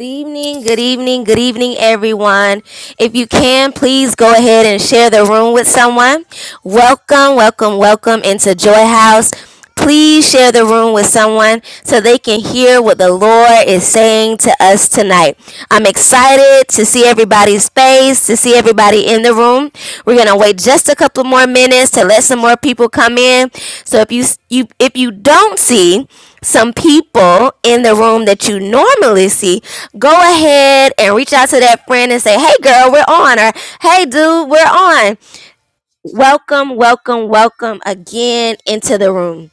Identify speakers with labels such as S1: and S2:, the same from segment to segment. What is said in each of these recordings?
S1: Good evening, good evening, good evening, everyone. If you can, please go ahead and share the room with someone. Welcome, welcome, welcome into Joy House. Please share the room with someone so they can hear what the Lord is saying to us tonight. I'm excited to see everybody's face, to see everybody in the room. We're gonna wait just a couple more minutes to let some more people come in. So if you you if you don't see some people in the room that you normally see, go ahead and reach out to that friend and say, hey, girl, we're on, or hey, dude, we're on. Welcome, welcome, welcome again into the room.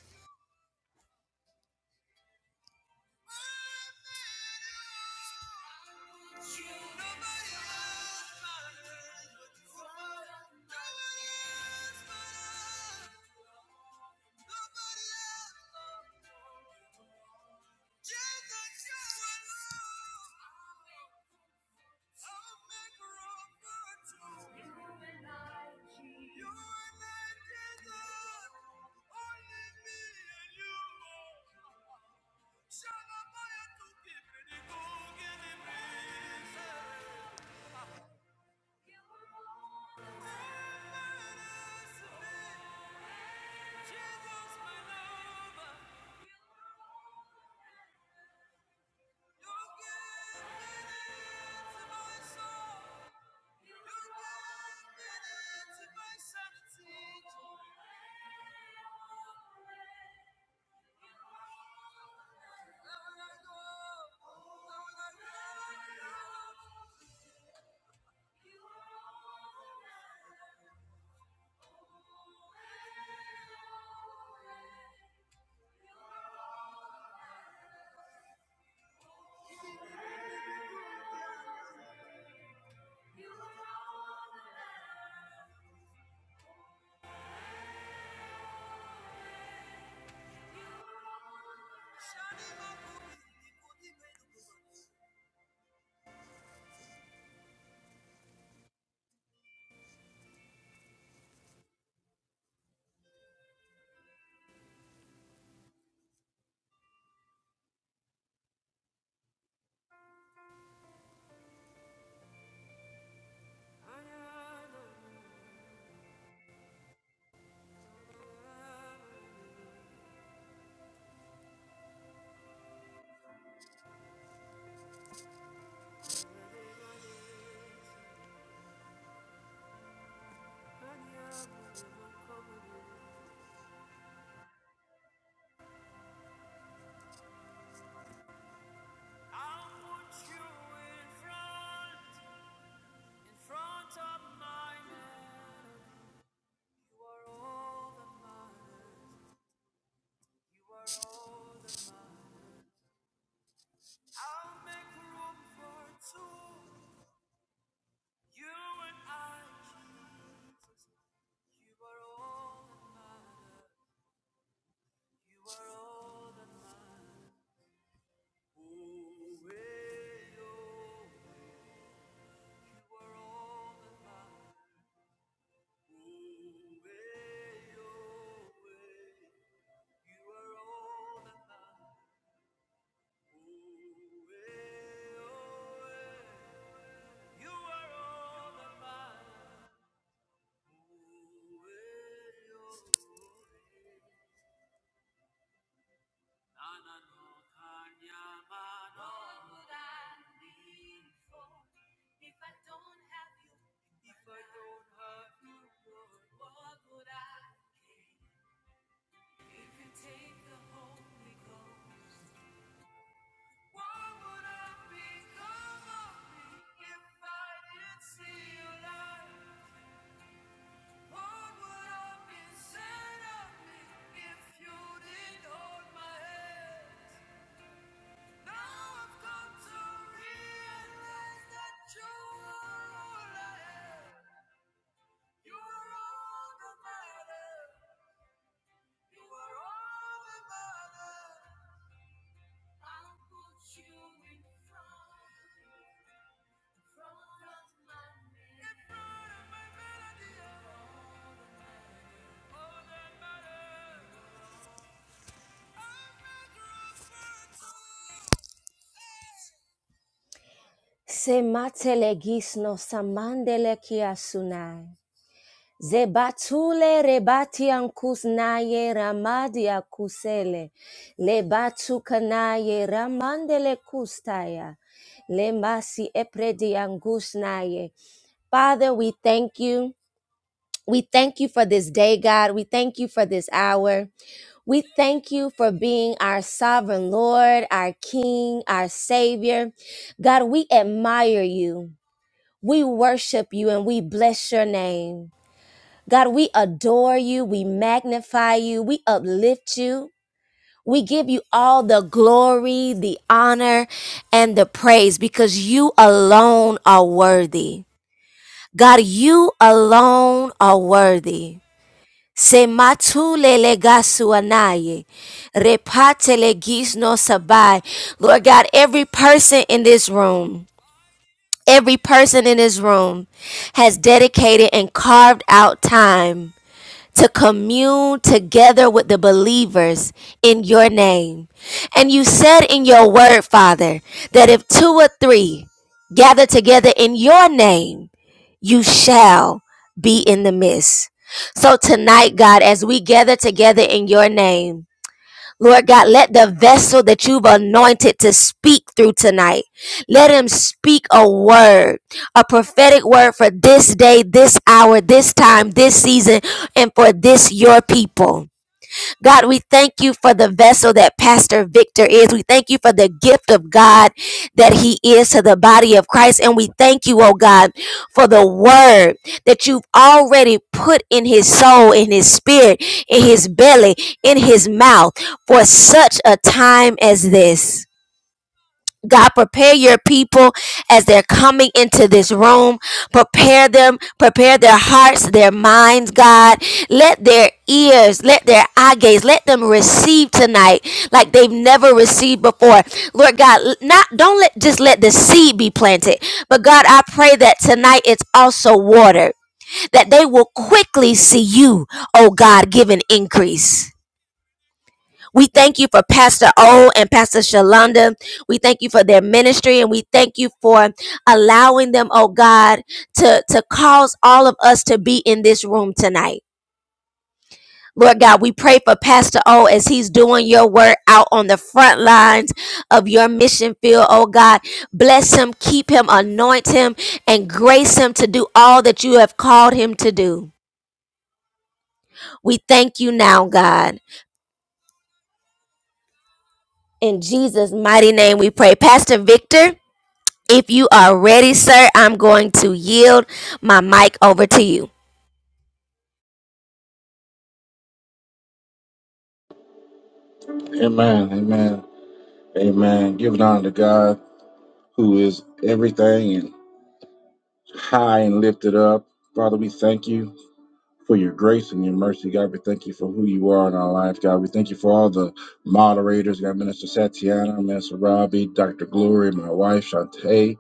S1: Se matele gisno samandele kia sunai. Ze batule rebati ankus naye ramadi akusele. Le batu kanaye ramandele kustaya. Le masi epredi angus naye. Father, we thank you. We thank you for this day, God. We thank you for this hour. We thank you for being our sovereign Lord, our King, our Savior. God, we admire you. We worship you and we bless your name. God, we adore you. We magnify you. We uplift you. We give you all the glory, the honor, and the praise because you alone are worthy. God, you alone are worthy. Se matu lele gasu anaye. repate le gis no sabai. Lord God, every person in this room, every person in this room has dedicated and carved out time to commune together with the believers in your name. And you said in your word, Father, that if two or three gather together in your name, you shall be in the midst. So tonight, God, as we gather together in your name, Lord God, let the vessel that you've anointed to speak through tonight, let him speak a word, a prophetic word for this day, this hour, this time, this season, and for this your people. God, we thank you for the vessel that Pastor Victor is. We thank you for the gift of God that he is to the body of Christ. And we thank you, oh God, for the word that you've already put in his soul, in his spirit, in his belly, in his mouth for such a time as this. God, prepare your people as they're coming into this room. Prepare them, prepare their hearts, their minds, God. Let their ears, let their eye gaze, let them receive tonight like they've never received before. Lord God, not don't let just let the seed be planted, but God, I pray that tonight it's also watered, that they will quickly see you, oh God, give an increase. We thank you for Pastor O and Pastor Shalonda. We thank you for their ministry and we thank you for allowing them, oh God, to, to cause all of us to be in this room tonight. Lord God, we pray for Pastor O as he's doing your work out on the front lines of your mission field. Oh God, bless him, keep him, anoint him, and grace him. We do now, God. In this mighty name we pray. Pastor Victor. If you are ready, sir, I'm going to yield my mic over to you.
S2: Amen. Amen. Amen. Giving honor to God who is everything and high and lifted up. Father, we thank you for your grace and your mercy. God, we thank you for who you are in our lives. God, we thank you for all the moderators. God, Minister Satiana, Minister Robbie, Dr. Glory, my wife, Shantae,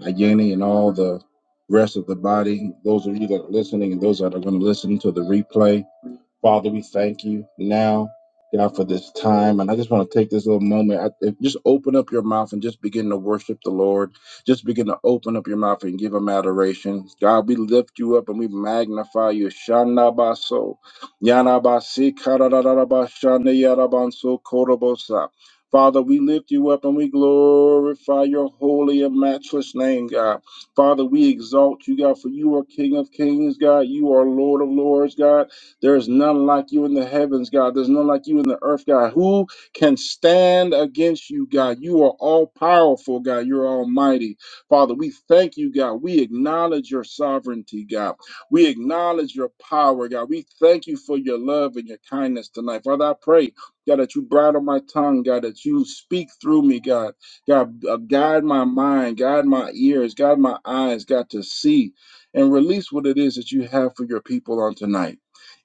S2: Ayeni, and all the rest of the body. Those of you that are listening and those that are going to listen to the replay. Father, we thank you now, God, for this time. And I just want to take this little moment. I, if, just open up your mouth and just begin to worship the Lord. Just begin to open up your mouth and give him adoration. God, we lift you up and we magnify you. Shana baso. Yana basi kararararaba shanda yarabanso korobosa. Father, we lift you up and we glorify your holy and matchless name, God. Father, we exalt you, God, for you are King of kings, God. You are Lord of lords, God. There is none like you in the heavens, God. There's none like you in the earth, God. Who can stand against you, God? You are all powerful, God. You're almighty. Father, we thank you, God. We acknowledge your sovereignty, God. We acknowledge your power, God. We thank you for your love and your kindness tonight. Father, I pray, God, that you bridle my tongue, God, that you speak through me, God. God, uh, guide my mind, guide my ears, guide my eyes, God, to see and release what it is that you have for your people on tonight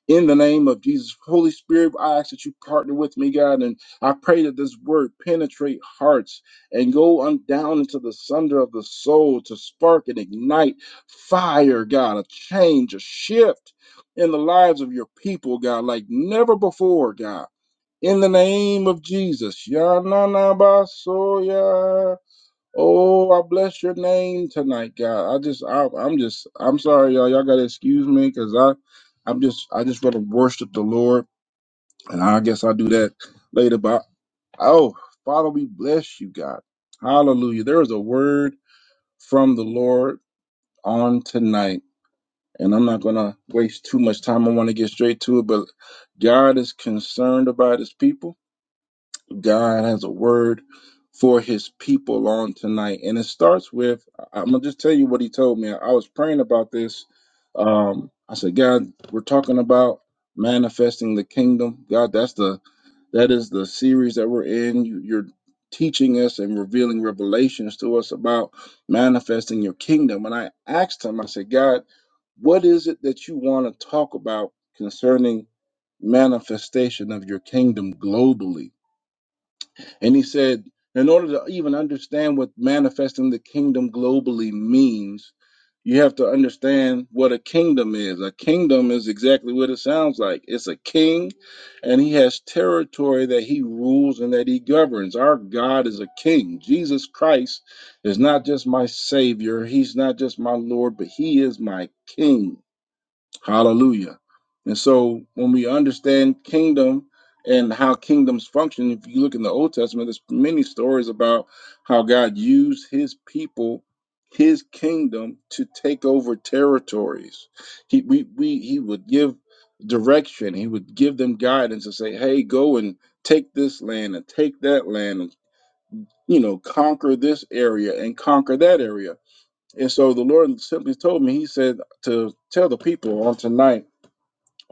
S2: in the name of Jesus. Holy Spirit, I ask that you partner with me, God, and I pray that this word penetrate hearts and go on down into the sunder of the soul to spark and ignite fire, God, a change, a shift in the lives of your people, God, like never before, God. In the name of Jesus. Yananabasoya. Oh, I bless your name tonight, God. I just, I, I'm just, I'm sorry, y'all. Y'all gotta excuse me, cause I, I'm just, I just want to worship the Lord, and I guess I'll do that later. But oh, Father, we bless you, God. Hallelujah. There is a word from the Lord on tonight, and I'm not gonna waste too much time. I want to get straight to it, but God is concerned about His people. God has a word for his people on tonight. And it starts with I- I'm going to just tell you what he told me. I was praying about this. Um, I said, God, we're talking about manifesting the kingdom. God, that's the that is the series that we're in. You, you're teaching us and revealing revelations to us about manifesting your kingdom. And I asked him, I said, God, what is it that you want to talk about concerning manifestation of your kingdom globally? And he said, in order to even understand what manifesting the kingdom globally means, you have to understand what a kingdom is. A kingdom is exactly what it sounds like it's a king, and he has territory that he rules and that he governs. Our God is a king. Jesus Christ is not just my savior, he's not just my Lord, but he is my king Hallelujah. And so when we understand kingdom and how kingdoms function, if you look in the Old Testament, there's many stories about how God used his people, his kingdom to take over territories. He we, we he would give direction, he would give them guidance and say, Hey, go and take this land and take that land and you know, conquer this area and conquer that area. And so the Lord simply told me, He said to tell the people on tonight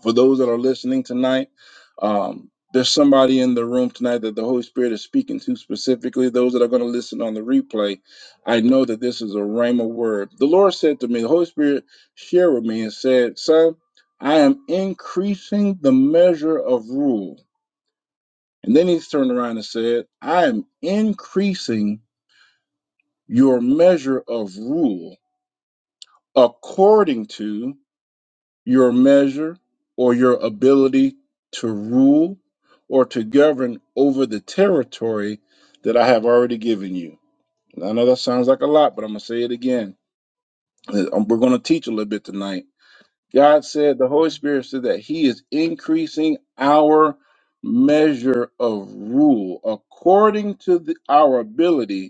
S2: for those that are listening tonight, um, there's somebody in the room tonight that the Holy Spirit is speaking to specifically. Those that are going to listen on the replay, I know that this is a rhema word. The Lord said to me, the Holy Spirit shared with me and said, "Son, I am increasing the measure of rule." And then He turned around and said, "I am increasing your measure of rule according to." your measure or your ability to rule or to govern over the territory that I have already given you. And I know that sounds like a lot, but I'm going to say it again. Uh, um, We're going to teach a little bit tonight. God said, the Holy Spirit said that He is increasing our measure of rule according to the, our ability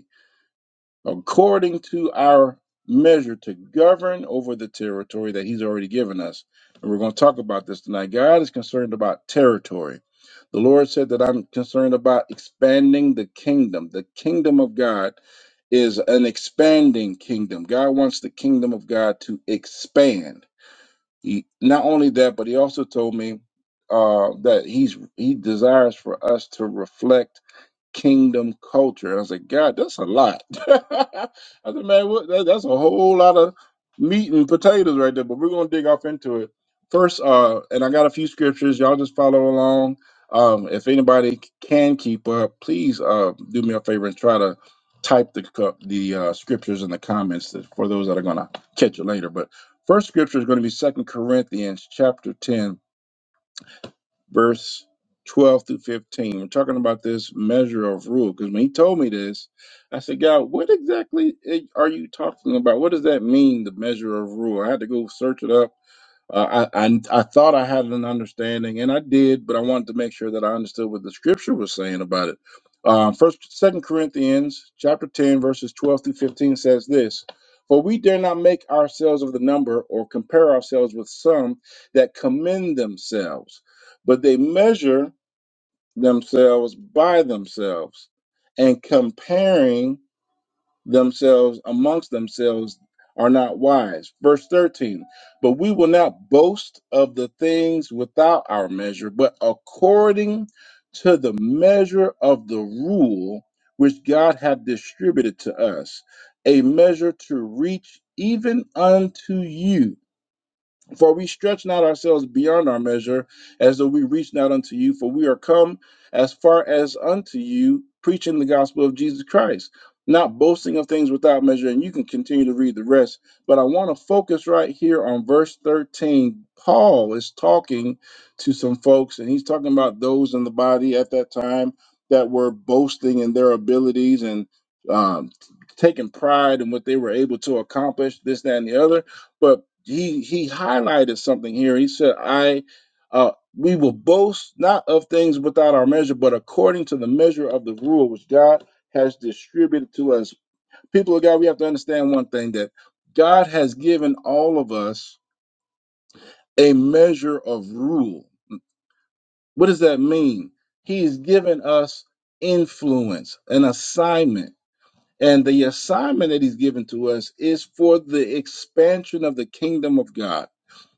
S2: according to our measure to govern over the territory that he's already given us. And we're going to talk about this tonight. God is concerned about territory. The Lord said that I'm concerned about expanding the kingdom. The kingdom of God is an expanding kingdom. God wants the kingdom of God to expand. He, not only that, but he also told me uh, that he's he desires for us to reflect kingdom culture. And I said, God, that's a lot. I said, man, what, that, that's a whole lot of meat and potatoes right there, but we're going to dig off into it. First, uh, and I got a few scriptures. Y'all just follow along. Um, if anybody can keep up, please uh, do me a favor and try to type the co- the uh, scriptures in the comments that- for those that are going to catch it later. But first scripture is going to be Second Corinthians chapter 10, verse 12 through 15. We're talking about this measure of rule because when he told me this, I said, God, what exactly eh, are you talking about? What does that mean, the measure of rule? I had to go search it up uh, I, I I thought I had an understanding, and I did, but I wanted to make sure that I understood what the scripture was saying about it. Um, First, Second Corinthians chapter ten, verses twelve through fifteen says this: "For we dare not make ourselves of the number, or compare ourselves with some that commend themselves, but they measure themselves by themselves, and comparing." themselves amongst themselves are not wise. Verse 13, but we will not boast of the things without our measure, but according to the measure of the rule which God hath distributed to us, a measure to reach even unto you. For we stretch not ourselves beyond our measure, as though we reach not unto you, for we are come as far as unto you, preaching the gospel of Jesus Christ, not boasting of things without measure. And you can continue to read the rest, but I want to focus right here on verse 13. Paul is talking to some folks, and he's talking about those in the body at that time that were boasting in their abilities and um, taking pride in what they were able to accomplish, this, that, and the other. But he he highlighted something here. He said, "I uh, we will boast not of things without our measure, but according to the measure of the rule which God has distributed to us." People of God, we have to understand one thing that God has given all of us a measure of rule. What does that mean? He's given us influence, an assignment. And the assignment that he's given to us is for the expansion of the kingdom of God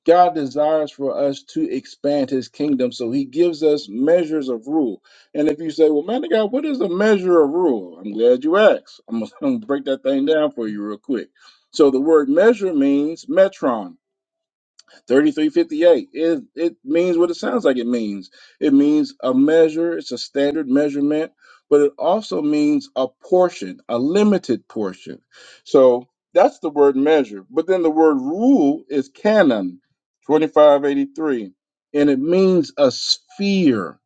S2: God desires for us to expand his kingdom. So he gives us measures of rule. And if you say, well, man of God, what is a measure of rule? I'm glad you asked. I'm going to break that thing down for you real quick. So the word measure means metron. 3358 it, it means what it sounds like it means it means a measure it's a standard measurement but it also means a portion a limited portion so that's the word measure but then the word rule is canon 2583 and it means a sphere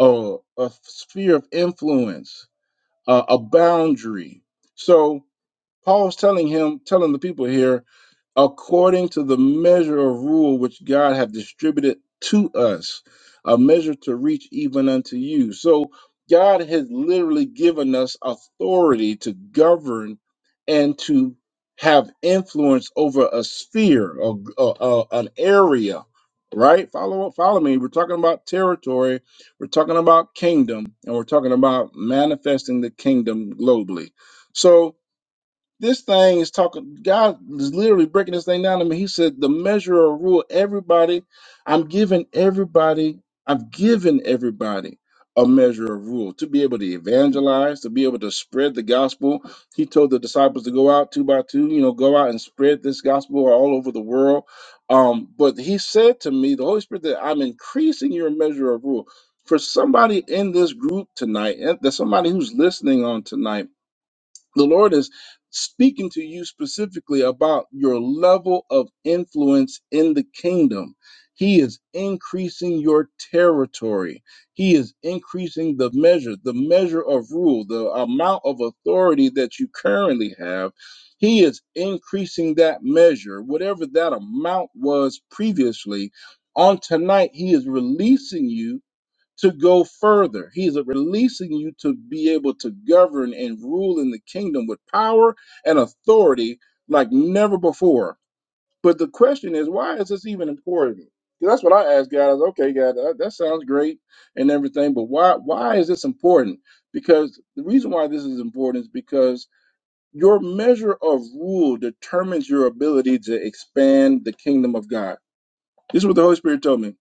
S2: a, a sphere of influence a, a boundary so paul's telling him telling the people here according to the measure of rule which God hath distributed to us, a measure to reach even unto you. So God has literally given us authority to govern and to have influence over a sphere, or, an area, right? Follow follow me. We're talking about territory, we're talking about kingdom, and we're talking about manifesting the kingdom globally. So this thing is talking, God is literally breaking this thing down to me. He said, the measure of rule, everybody, I'm giving everybody, i have given everybody a measure of rule to be able to evangelize, to be able to spread the gospel. He told the disciples to go out two by two, you know, go out and spread this gospel all over the world. Um, but he said to me, the Holy Spirit, that I'm increasing your measure of rule. For somebody in this group tonight, and there's somebody who's listening on tonight the Lord is speaking to you specifically about your level of influence in the kingdom. He is increasing your territory. He is increasing the measure, the measure of rule, the amount of authority that you currently have. He is increasing that measure, whatever that amount was previously. On tonight, He is releasing you to go further. He is releasing you to be able to govern and rule in the kingdom with power and authority like never before. But the question is, why is this even important? 'Cause That's what I asked God. I was, okay, God, that, that sounds great and everything, but why why is this important? Because the reason why this is important is because your measure of rule determines your ability to expand the kingdom of God. This is what the Holy Spirit told me.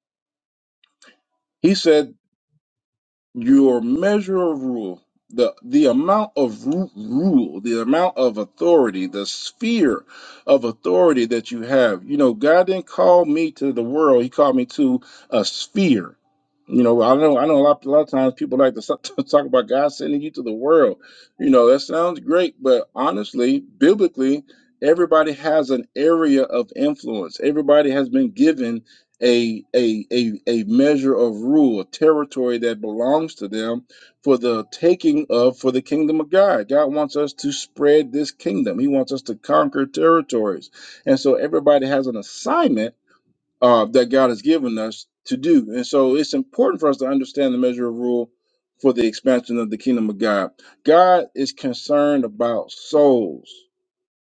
S2: He said your measure of rule, the the amount of ru- rule, the amount of authority, the sphere of authority that you have. You know, God didn't call me to the world; He called me to a sphere. You know, I know I know a lot, a lot of times people like to so- to talk about God sending you to the world. You know, that sounds great, but honestly, biblically. Everybody has an area of influence. Everybody has been given a a a a measure of rule, a territory that belongs to them for the taking of for the kingdom of God. God wants us to spread this kingdom. He wants us to conquer territories, and so everybody has an assignment uh, that God has given us to do. And so it's important for us to understand the measure of rule for the expansion of the kingdom of God. God is concerned about souls.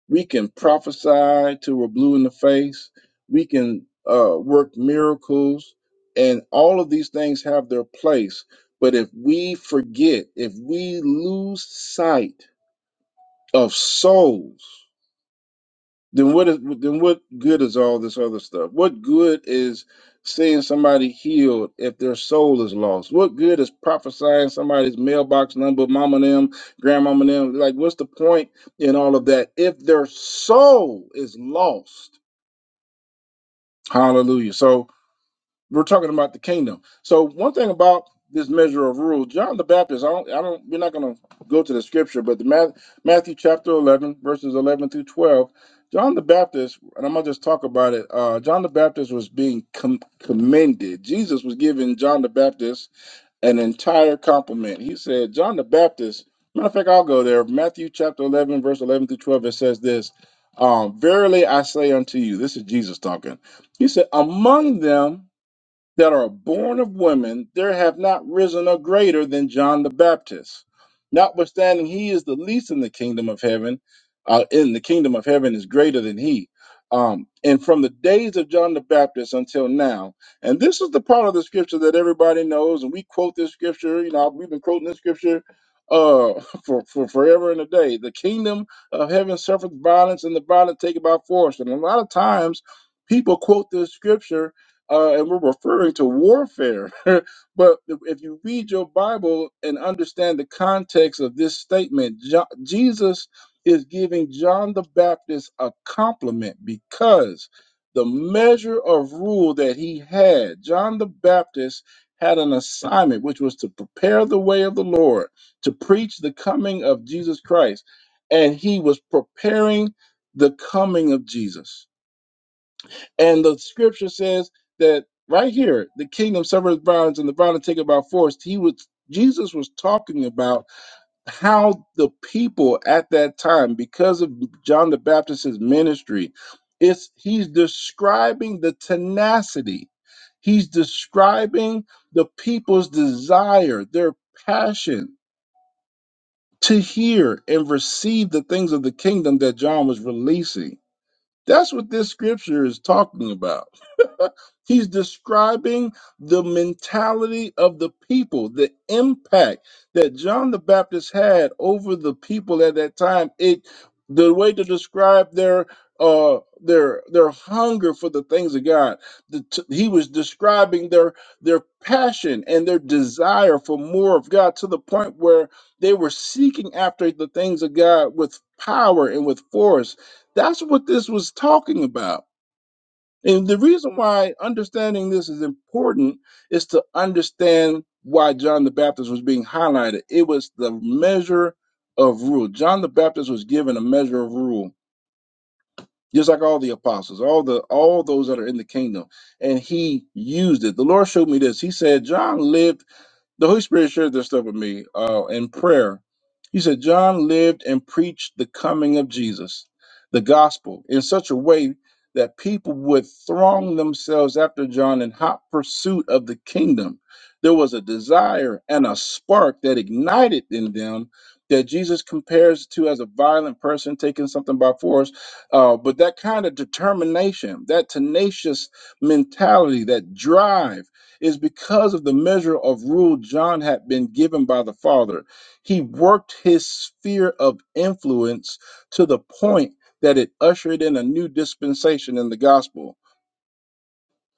S2: We can prophesy till we're blue in the face. We can uh, work miracles. And all of these things have their place. But if we forget, if we lose sight of souls, then what is then what good is all this other stuff? What good is seeing somebody healed if their soul is lost? What good is prophesying somebody's mailbox number, mama and them, grandmama and them? Like, what's the point in all of that if their soul is lost? Hallelujah. So we're talking about the kingdom. So one thing about this measure of rule, John the Baptist, I don't, I don't, we're not going to go to the scripture, but the Math, Matthew chapter 11, verses 11 through 12, John the Baptist, and I'm going to just talk about it. Uh, John the Baptist was being com- commended. Jesus was giving John the Baptist an entire compliment. He said, John the Baptist, matter of fact, I'll go there. Matthew chapter 11, verse 11 through 12, it says this, um, verily I say unto you, this is Jesus talking. He said, among them that are born of women, there have not risen a greater than John the Baptist. Notwithstanding, he is the least in the kingdom of heaven. Uh, in the kingdom of heaven is greater than he. Um, and from the days of John the Baptist until now, and this is the part of the scripture that everybody knows, and we quote this scripture. You know, we've been quoting this scripture uh, for for forever and a day. The kingdom of heaven suffereth violence, and the violent take it by force. And a lot of times, people quote this scripture uh, and we're referring to warfare. but if you read your Bible and understand the context of this statement, Jo- Jesus is giving John the Baptist a compliment because the measure of rule that he had, John the Baptist had an assignment, which was to prepare the way of the Lord, to preach the coming of Jesus Christ. And he was preparing the coming of Jesus and the scripture says that right here, the kingdom suffers violence and the violent take it by force. He was Jesus was talking about how the people at that time, because of John the Baptist's ministry, it's he's describing the tenacity. He's describing the people's desire, their passion to hear and receive the things of the kingdom that John was releasing. That's what this scripture is talking about. He's describing the mentality of the people, the impact that John the Baptist had over the people at that time. It the way to describe their uh their their hunger for the things of God. The, t- he was describing their their passion and their desire for more of God to the point where they were seeking after the things of God with power and with force. That's what this was talking about and the reason why understanding this is important is to understand why John the Baptist was being highlighted. It was the measure of rule. John the Baptist was given a measure of rule, just like all the apostles, all the all those that are in the kingdom, and he used it. The Lord showed me this. He said John lived. The Holy Spirit shared this stuff with me uh, in prayer. He said, John lived and preached the coming of Jesus, the gospel, in such a way that people would throng themselves after John in hot pursuit of the kingdom. There was a desire and a spark that ignited in them that Jesus compares to as a violent person taking something by force. Uh, but that kind of determination, that tenacious mentality, that drive, is because of the measure of rule John had been given by the Father. He worked his sphere of influence to the point that it ushered in a new dispensation in the gospel.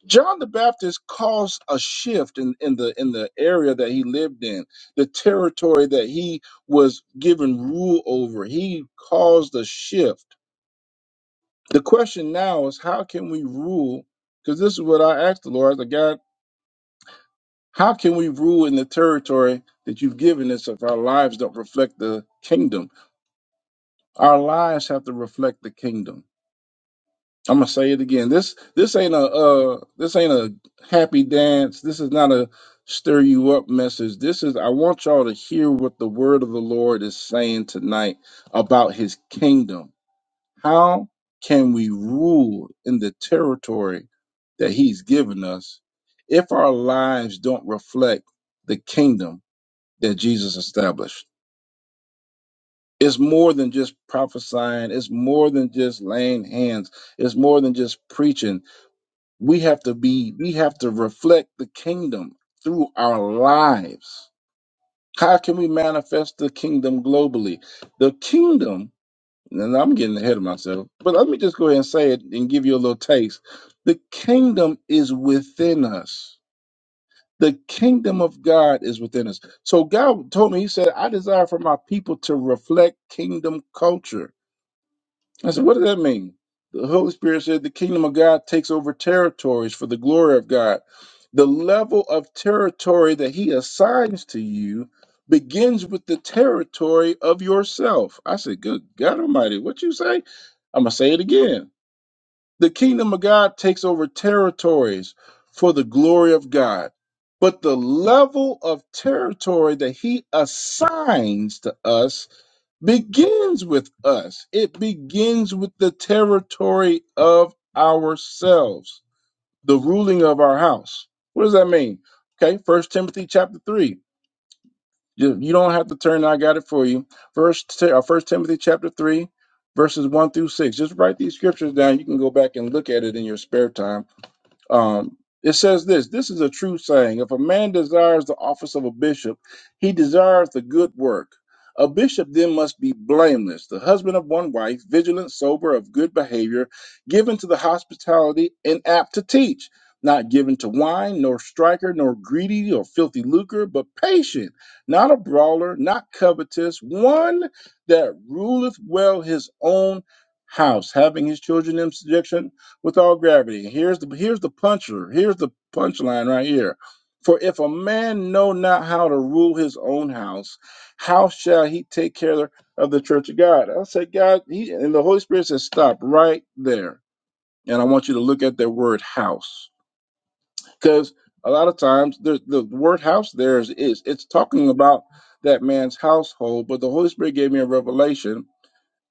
S2: John the Baptist caused a shift in, in the in the area that he lived in, the territory that he was given rule over. He caused a shift. The question now is how can we rule? Because this is what I asked the Lord. I said, God. How can we rule in the territory that you've given us if our lives don't reflect the kingdom? Our lives have to reflect the kingdom. I'm gonna say it again. This this ain't a uh, this ain't a happy dance. This is not a stir you up message. This is I want y'all to hear what the word of the Lord is saying tonight about His kingdom. How can we rule in the territory that He's given us if our lives don't reflect the kingdom? that Jesus established. It's more than just prophesying, it's more than just laying hands, it's more than just preaching. We have to be, we have to reflect the kingdom through our lives. How can we manifest the kingdom globally? The kingdom, and I'm getting ahead of myself, but let me just go ahead and say it and give you a little taste. The kingdom is within us. the kingdom of God is within us. So God told me, He said, I desire for my people to reflect kingdom culture. I said, What does that mean? The Holy Spirit said, The kingdom of God takes over territories for the glory of God. The level of territory that He assigns to you begins with the territory of yourself. I said, Good God Almighty, what you say? I'm going to say it again the kingdom of God takes over territories for the glory of God. But the level of territory that he assigns to us begins with us. It begins with the territory of ourselves, the ruling of our house. What does that mean? Okay, First Timothy chapter 3. You, you don't have to turn. I got it for you. First, uh, First Timothy chapter three, verses one through six. Just write these scriptures down. You can go back and look at it in your spare time. Um, it says this this is a true saying. If a man desires the office of a bishop, he desires the good work. A bishop then must be blameless, the husband of one wife, vigilant, sober, of good behavior, given to the hospitality, and apt to teach, not given to wine, nor striker, nor greedy, or filthy lucre, but patient, not a brawler, not covetous, one that ruleth well his own house, having his children in subjection with all gravity. Here's the here's the puncher. Here's the punchline right here. For if a man know not how to rule his own house, how shall he take care of the church of God? I said, God, he, and the Holy Spirit says, stop right there. And I want you to look at that word house, because a lot of times the the word house there is, is it's talking about that man's household, but the Holy Spirit gave me a revelation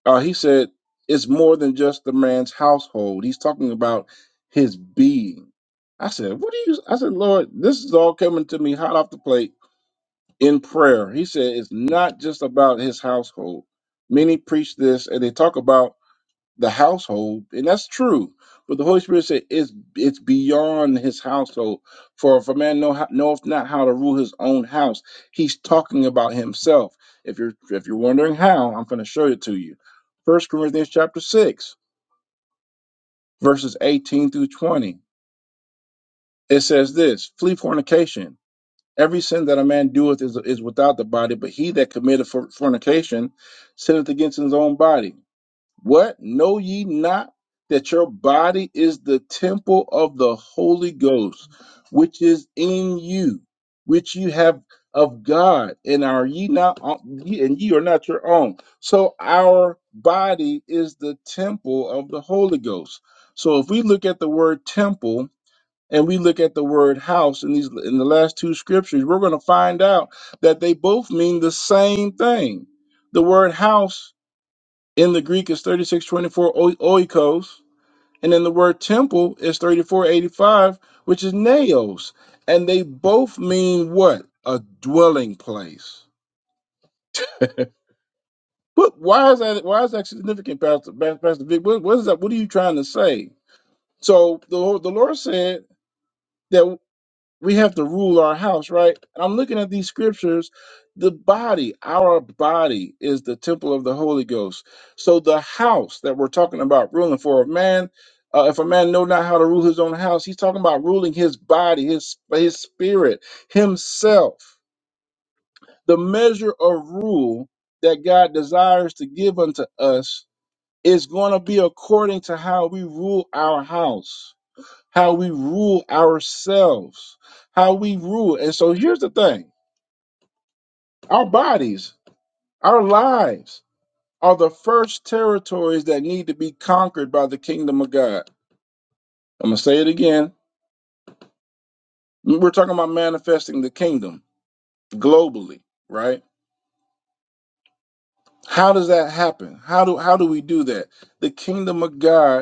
S2: uh, he said it's more than just the man's household. He's talking about his being. I said, what do you? I said, Lord, this is all coming to me hot off the plate in prayer. He said it's not just about his household. Many preach this and they talk about the household, and that's true. But the Holy Spirit said it's it's beyond his household. For if a man know how, knoweth not how to rule his own house, he's talking about himself. If you're if you're wondering how, I'm going to show it to you. First Corinthians chapter six, verses eighteen through twenty. It says this: Flee fornication. Every sin that a man doeth is is without the body, but he that committeth for fornication sinneth against his own body. What? Know ye not that your body is the temple of the Holy Ghost, which is in you, which you have of God, and are ye not, and ye are not your own? So our body is the temple of the Holy Ghost. So if we look at the word temple and we look at the word house in these in the last two scriptures, we're going to find out that they both mean the same thing. The word house in the Greek is 3624 oikos. And then the word temple is 3485, which is naos. And they both mean what? A dwelling place. But why is that why is that significant, Pastor, Pastor Vic? What, what is that? What are you trying to say? So the, the Lord said that. we have to rule our house, right? And I'm looking at these scriptures. The body, our body, is the temple of the Holy Ghost. So the house that we're talking about ruling for a man, uh, if a man know not how to rule his own house, he's talking about ruling his body, his his spirit, himself. The measure of rule that God desires to give unto us is going to be according to how we rule our house how we rule ourselves, how we rule. And so here's the thing our bodies, our lives are the first territories that need to be conquered by the kingdom of God. I'm going to say it again. We're talking about manifesting the kingdom globally, right? How does that happen? How do how do we do that? The kingdom of God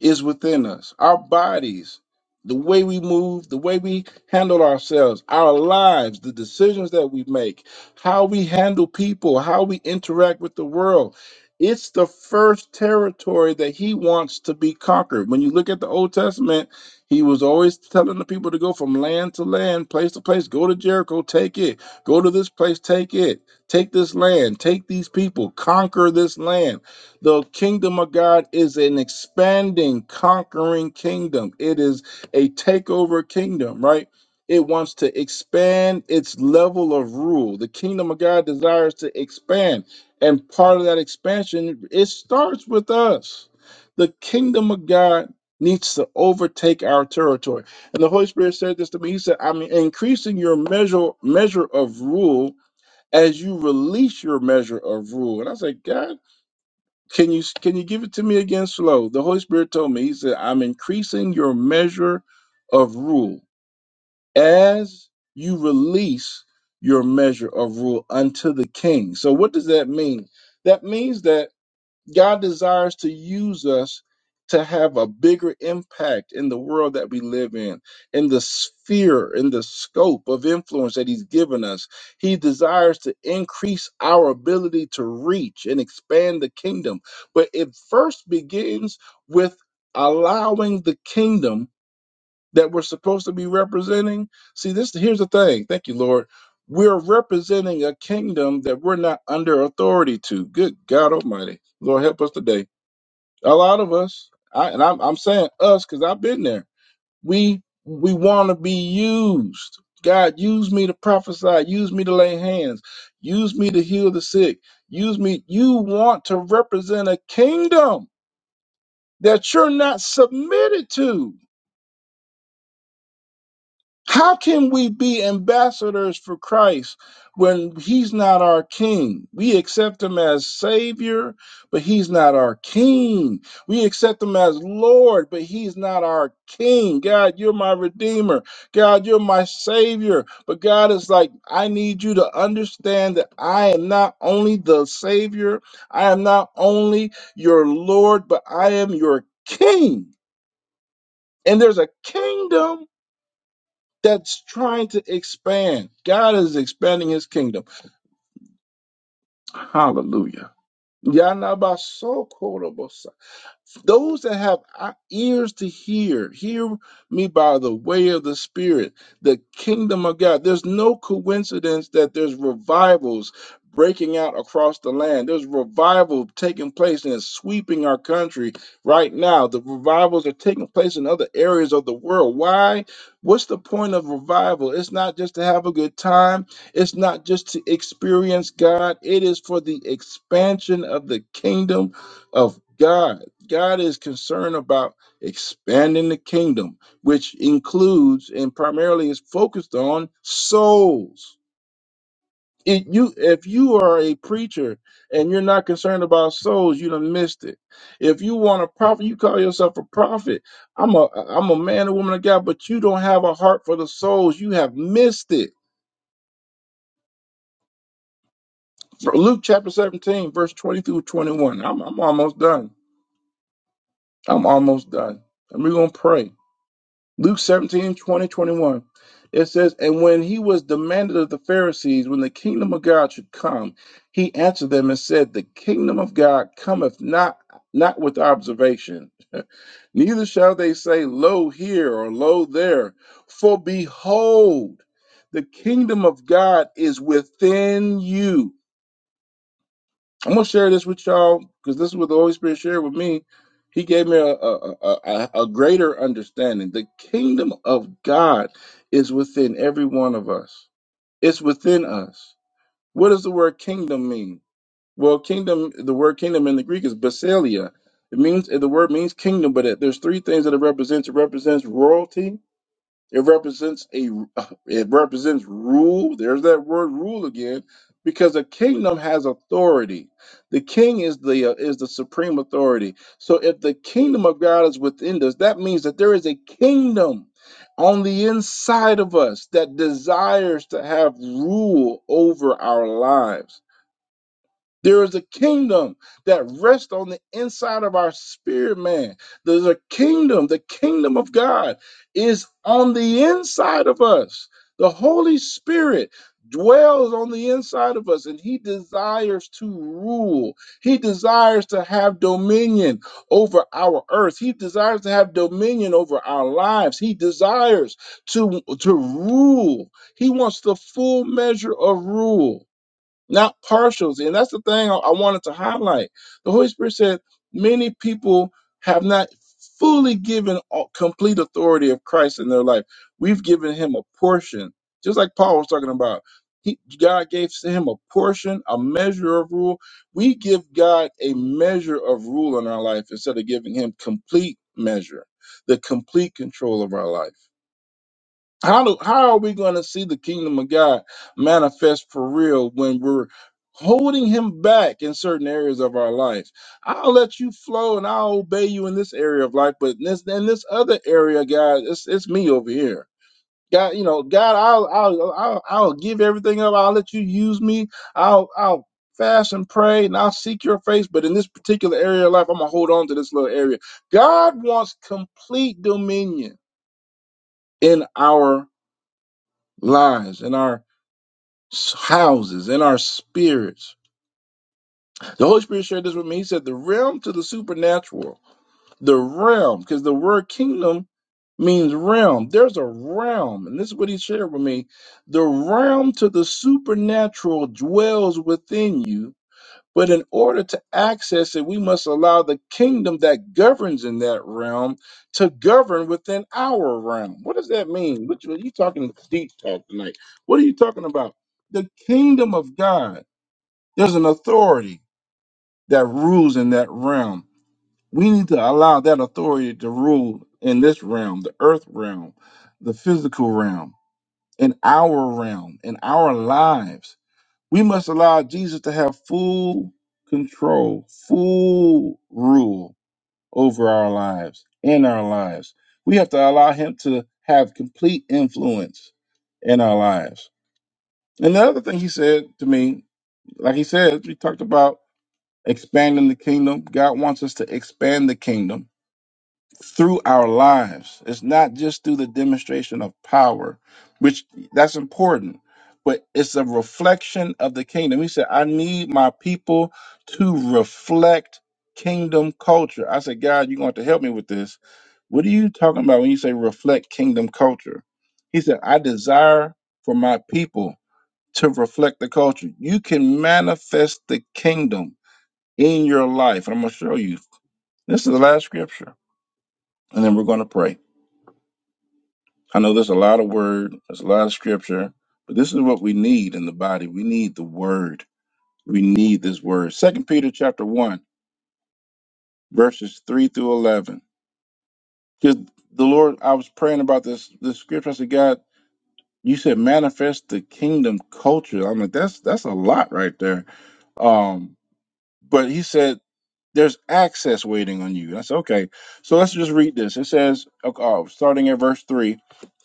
S2: is within us. Our bodies, the way we move, the way we handle ourselves, our lives, the decisions that we make, how we handle people, how we interact with the world. It's the first territory that he wants to be conquered. When you look at the Old Testament, he was always telling the people to go from land to land, place to place, go to Jericho, take it, go to this place, take it, take this land, take these people, conquer this land the kingdom of God is an expanding, conquering kingdom. It is a takeover kingdom, right? It wants to expand its level of rule. The kingdom of God desires to expand. And part of that expansion, it starts with us. The kingdom of God needs to overtake our territory. And the Holy Spirit said this to me. He said, I'm increasing your measure measure of rule as you release your measure of rule. And I said, God can you can you give it to me again slow? The Holy Spirit told me. He said, "I'm increasing your measure of rule as you release your measure of rule unto the king." So what does that mean? That means that God desires to use us to have a bigger impact in the world that we live in, in the sphere, in the scope of influence that He's given us. He desires to increase our ability to reach and expand the kingdom. But it first begins with allowing the kingdom that we're supposed to be representing. See, this here's the thing. Thank you, Lord. We're representing a kingdom that we're not under authority to. Good God Almighty, Lord, help us today. A lot of us, I, and I'm, I'm saying us because I've been there. We we want to be used. God, use me to prophesy. Use me to lay hands. Use me to heal the sick. Use me. You want to represent a kingdom that you're not submitted to How can we be ambassadors for Christ when he's not our king? We accept him as savior, but he's not our king. We accept him as Lord, but he's not our king. God, you're my redeemer. God, you're my savior. But God is like, I need you to understand that I am not only the savior, I am not only your Lord, but I am your king. And there's a kingdom that's trying to expand. God is expanding his kingdom. Hallelujah. Yanabasokorobosa. Those that have eye- ears to hear, hear me by the way of the Spirit, the kingdom of God. There's no coincidence that there's revivals breaking out across the land. There's revival taking place and it's sweeping our country right now. The revivals are taking place in other areas of the world. Why? What's the point of revival? It's not just to have a good time, it's not just to experience God, it is for the expansion of the kingdom of God. God is concerned about expanding the kingdom, which includes and primarily is focused on souls. It, you, if you are a preacher and you're not concerned about souls, you done missed it. If you want a prophet, you call yourself a prophet. I'm a, I'm a man, a woman of God, but you don't have a heart for the souls. You have missed it. Luke chapter 17, verse 20 through 21. I'm, I'm almost done. I'm almost done. And we're going to pray. Luke 17, twenty, 21. It says, And when he was demanded of the Pharisees when the kingdom of God should come, he answered them and said, The kingdom of God cometh not not with observation. Neither shall they say, Lo here or lo there. For behold, the kingdom of God is within you. I'm gonna share this with y'all because this is what the Holy Spirit shared with me. He gave me a, a, a, a a greater understanding. The kingdom of God is within every one of us. It's within us. What does the word kingdom mean? Well, kingdom. The word kingdom in the Greek is basileia. It means the word means kingdom, but it, there's three things that it represents. It represents royalty. It represents a it represents rule. There's that word rule again, because a kingdom has authority. The king is the uh, is the supreme authority. So if the kingdom of God is within us, that means that there is a kingdom on the inside of us that desires to have rule over our lives. There is a kingdom that rests on the inside of our spirit, man. There's a kingdom. The kingdom of God is on the inside of us. The Holy Spirit dwells on the inside of us and he desires to rule. He desires to have dominion over our earth. He desires to have dominion over our lives. He desires to, to rule. He wants the full measure of rule not partials. And that's the thing I I wanted to highlight. The Holy Spirit said many people have not fully given all- complete authority of Christ in their life. We've given him a portion, just like Paul was talking about. He, God gave to him a portion, a measure of rule. We give God a measure of rule in our life instead of giving him complete measure, the complete control of our life. How do, how are we going to see the kingdom of God manifest for real when we're holding him back in certain areas of our life? I'll let you flow and I'll obey you in this area of life, but in this in this other area, God, it's it's me over here. God, you know, God, I'll I'll I'll, I'll give everything up. I'll let you use me. I'll I'll fast and pray and I'll seek your face, but in this particular area of life, I'm gonna hold on to this little area. God wants complete dominion in our lives, in our s- houses, in our spirits. The Holy Spirit shared this with me. He said, the realm to the supernatural, the realm, because the word kingdom means realm. There's a realm, and this is what he shared with me. The realm to the supernatural dwells within you but in order to access it, we must allow the kingdom that governs in that realm to govern within our realm. What does that mean? What you, you talking deep talk tonight? What are you talking about? The kingdom of God. There's an authority that rules in that realm. We need to allow that authority to rule in this realm, the earth realm, the physical realm, in our realm, in our lives we must allow Jesus to have full control, full rule over our lives, in our lives. We have to allow him to have complete influence in our lives. And the other thing he said to me, like he said, we talked about expanding the kingdom. God wants us to expand the kingdom through our lives. It's not just through the demonstration of power, which that's important, but it's a reflection of the kingdom. He said, I need my people to reflect kingdom culture. I said, God, you're going to have to help me with this. What are you talking about when you say reflect kingdom culture? He said, I desire for my people to reflect the culture. You can manifest the kingdom in your life. And I'm going to show you. This is the last scripture, and then we're going to pray. I know there's a lot of word, there's a lot of scripture, but this is what we need in the body. We need the word. We need this word. Second Peter chapter one, verses three through eleven. Because the Lord, I was praying about this this scripture. I said, God, you said manifest the kingdom culture. I'm like, that's that's a lot right there. Um, but he said There's access waiting on you. And I said, okay. So let's just read this. It says, okay, uh, starting at verse three,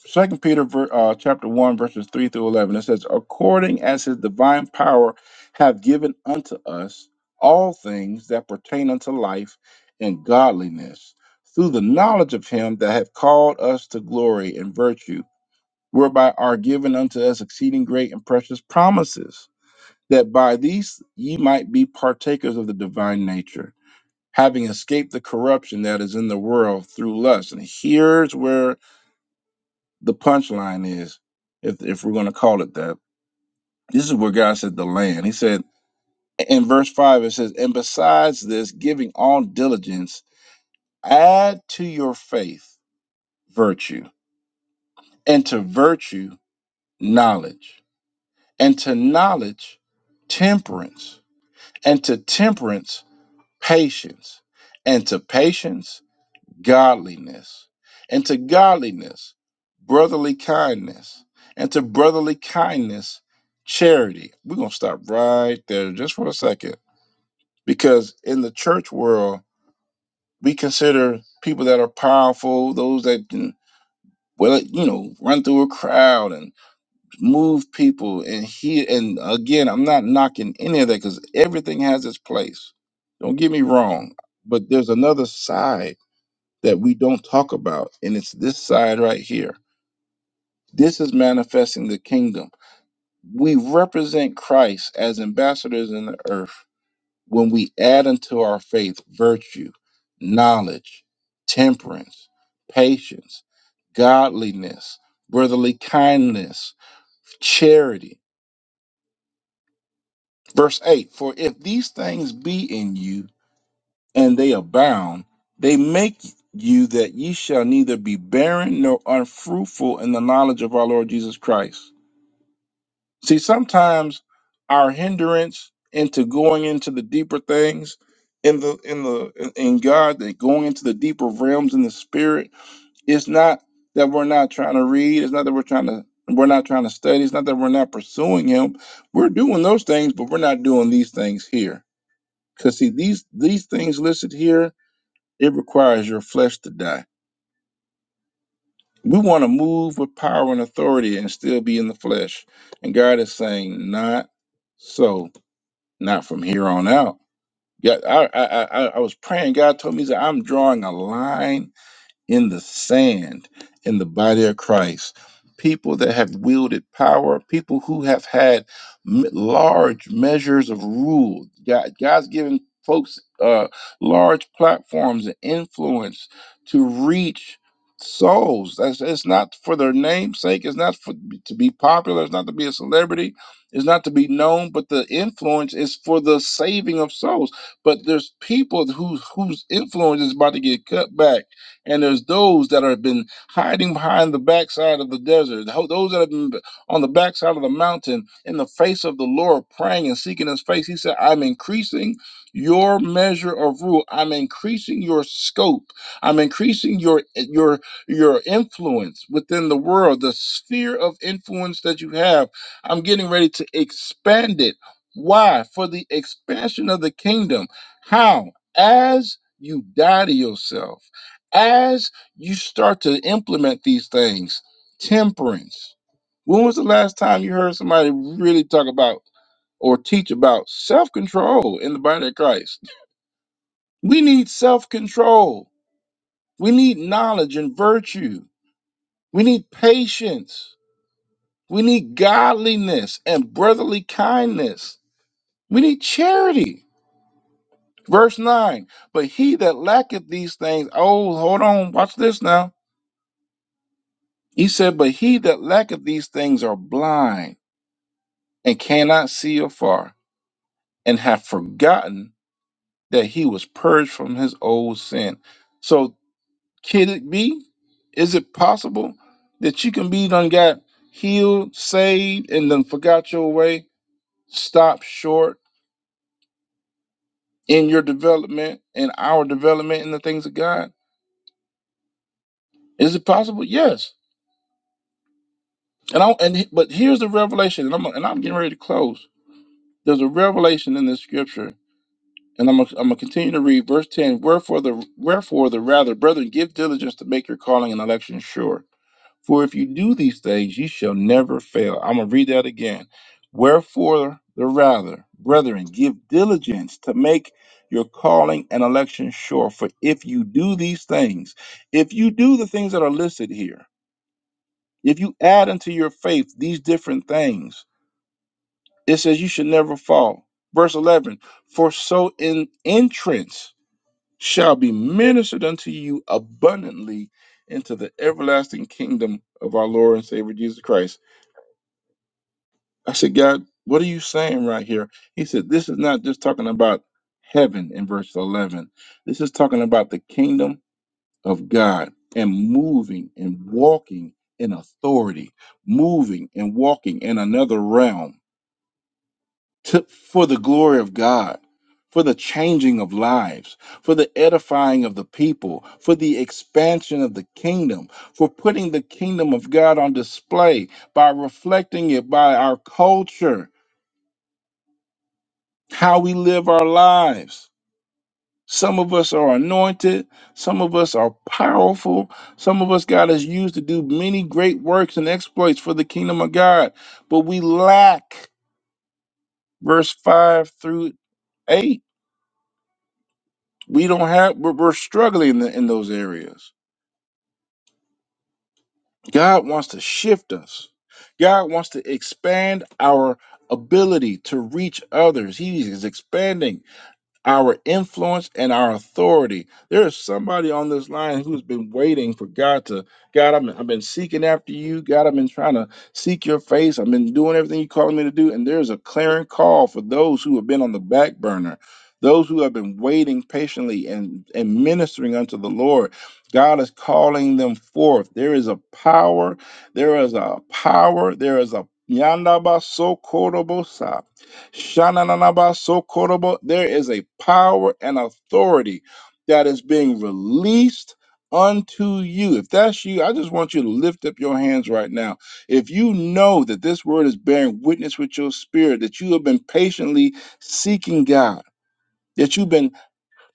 S2: Second Peter ver- uh, chapter one verses three through eleven. It says, according as his divine power have given unto us all things that pertain unto life and godliness, through the knowledge of him that hath called us to glory and virtue, whereby are given unto us exceeding great and precious promises, that by these ye might be partakers of the divine nature having escaped the corruption that is in the world through lust. And here's where the punchline is, if, if we're going to call it that. This is where God said the land. He said in verse 5, it says, And besides this, giving all diligence, add to your faith virtue, and to virtue, knowledge, and to knowledge, temperance, and to temperance, patience, and to patience. godliness, and to godliness, brotherly kindness, and to brotherly kindness, charity. We're going to stop right there just for a second because in the church world, we consider people that are powerful, those that can, well, you know, run through a crowd and move people. And he, and again, I'm not knocking any of that because everything has its place. Don't get me wrong, but there's another side that we don't talk about, and it's this side right here. This is manifesting the kingdom. We represent Christ as ambassadors in the earth when we add unto our faith virtue, knowledge, temperance, patience, godliness, brotherly kindness, charity. Verse 8 For if these things be in you, and they abound, they make you that ye shall neither be barren nor unfruitful in the knowledge of our Lord Jesus Christ. See, sometimes our hindrance into going into the deeper things in the in the in in God, that going into the deeper realms in the spirit, it's not that we're not trying to read, it's not that we're trying to we're not trying to study, it's not that we're not pursuing him. We're doing those things, but we're not doing these things here. Because see, these these things listed here it requires your flesh to die. We want to move with power and authority and still be in the flesh. And God is saying, not so, not from here on out. Yeah, I I I, I was praying. God told me that I'm drawing a line in the sand in the body of Christ. People that have wielded power, people who have had m- large measures of rule. God, God's given folks uh, large platforms and influence to reach souls. That's, it's not for their namesake. It's not for, to be popular. It's not to be a celebrity. It's not to be known. But the influence is for the saving of souls. But there's people whose whose influence is about to get cut back and there's those that have been hiding behind the backside of the desert, those that have been on the backside of the mountain in the face of the Lord, praying and seeking his face. He said, I'm increasing your measure of rule. I'm increasing your scope. I'm increasing your your your influence within the world, the sphere of influence that you have. I'm getting ready to expand it. Why? For the expansion of the kingdom. How? As you die to yourself as you start to implement these things, temperance. When was the last time you heard somebody really talk about or teach about self control in the body of Christ? We need self control. We need knowledge and virtue. We need patience. We need godliness and brotherly kindness. We need charity. Verse 9, but he that lacketh these things, oh, hold on, watch this now He said, But he that lacketh these things are blind and cannot see afar, and have forgotten that he was purged from his old sin. So, can it be? Is it possible that you can be done got healed, saved, and then forgot your way, stopped short in your development, in our development, in the things of God? Is it possible? Yes. And I and but here's the revelation, and I'm and I'm getting ready to close. There's a revelation in this scripture And I'm gonna, I'm gonna continue to read verse 10. Wherefore the wherefore the rather, brethren, give diligence to make your calling and election sure. For if you do these things, you shall never fail. I'm gonna read that again. Wherefore the rather, brethren, give diligence to make your calling and election sure. For if you do these things, if you do the things that are listed here, if you add unto your faith these different things, it says you should never fall. Verse 11, for so in entrance shall be ministered unto you abundantly into the everlasting kingdom of our Lord and Savior Jesus Christ. I said, God, what are you saying right here? He said, This is not just talking about heaven in verse 11. This is talking about the kingdom of God and moving and walking in authority, moving and walking in another realm. to, for the glory of God, for the changing of lives, for the edifying of the people, for the expansion of the kingdom, for putting the kingdom of God on display by reflecting it by our culture, how we live our lives. Some of us are anointed, some of us are powerful, some of us God has used to do many great works and exploits for the kingdom of God, but we lack verse 5 through 8 we don't have we're, we're struggling in, the, in those areas god wants to shift us god wants to expand our ability to reach others he is expanding our influence and our authority. There is somebody on this line who's been waiting for God to, God, I've been, I've been seeking after you. God, I've been trying to seek your face. I've been doing everything you are calling me to do. And there's a clarion call for those who have been on the back burner, those who have been waiting patiently and, and ministering unto the Lord. God is calling them forth. There is a power. There is a power. There is a yanda Shananabasokorobo. There is a power and authority that is being released unto you. If that's you, I just want you to lift up your hands right now. If you know that this word is bearing witness with your spirit, that you have been patiently seeking God. That you've been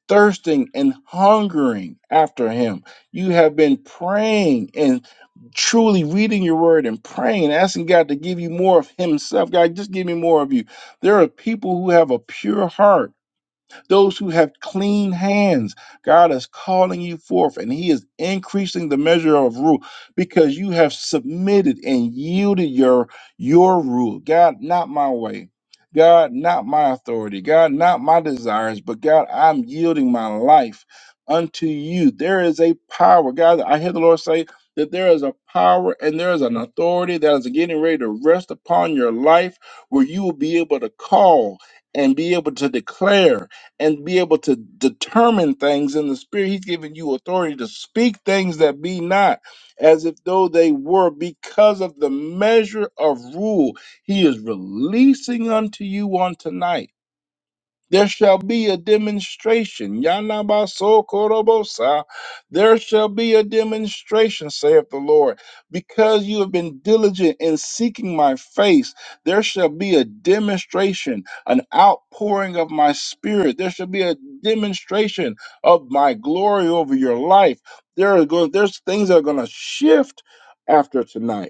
S2: thirsting and hungering after him. You have been praying and truly reading your word and praying, asking God to give you more of Himself. God, just give me more of you. There are people who have a pure heart those who have clean hands. God is calling you forth, and He is increasing the measure of rule because you have submitted and yielded your your rule. God, not my way. God, not my authority. God, not my desires, but God, I'm yielding my life unto you. There is a power. God, I hear the Lord say that there is a power and there is an authority that is getting ready to rest upon your life where you will be able to call and be able to declare and be able to determine things in the spirit. He's given you authority to speak things that be not as if though they were because of the measure of rule he is releasing unto you on tonight there shall be a demonstration. Yanabasokorobosa. There shall be a demonstration, saith the Lord. Because you have been diligent in seeking my face, there shall be a demonstration, an outpouring of my spirit. There shall be a demonstration of my glory over your life. There are going, there's things that are going to shift after tonight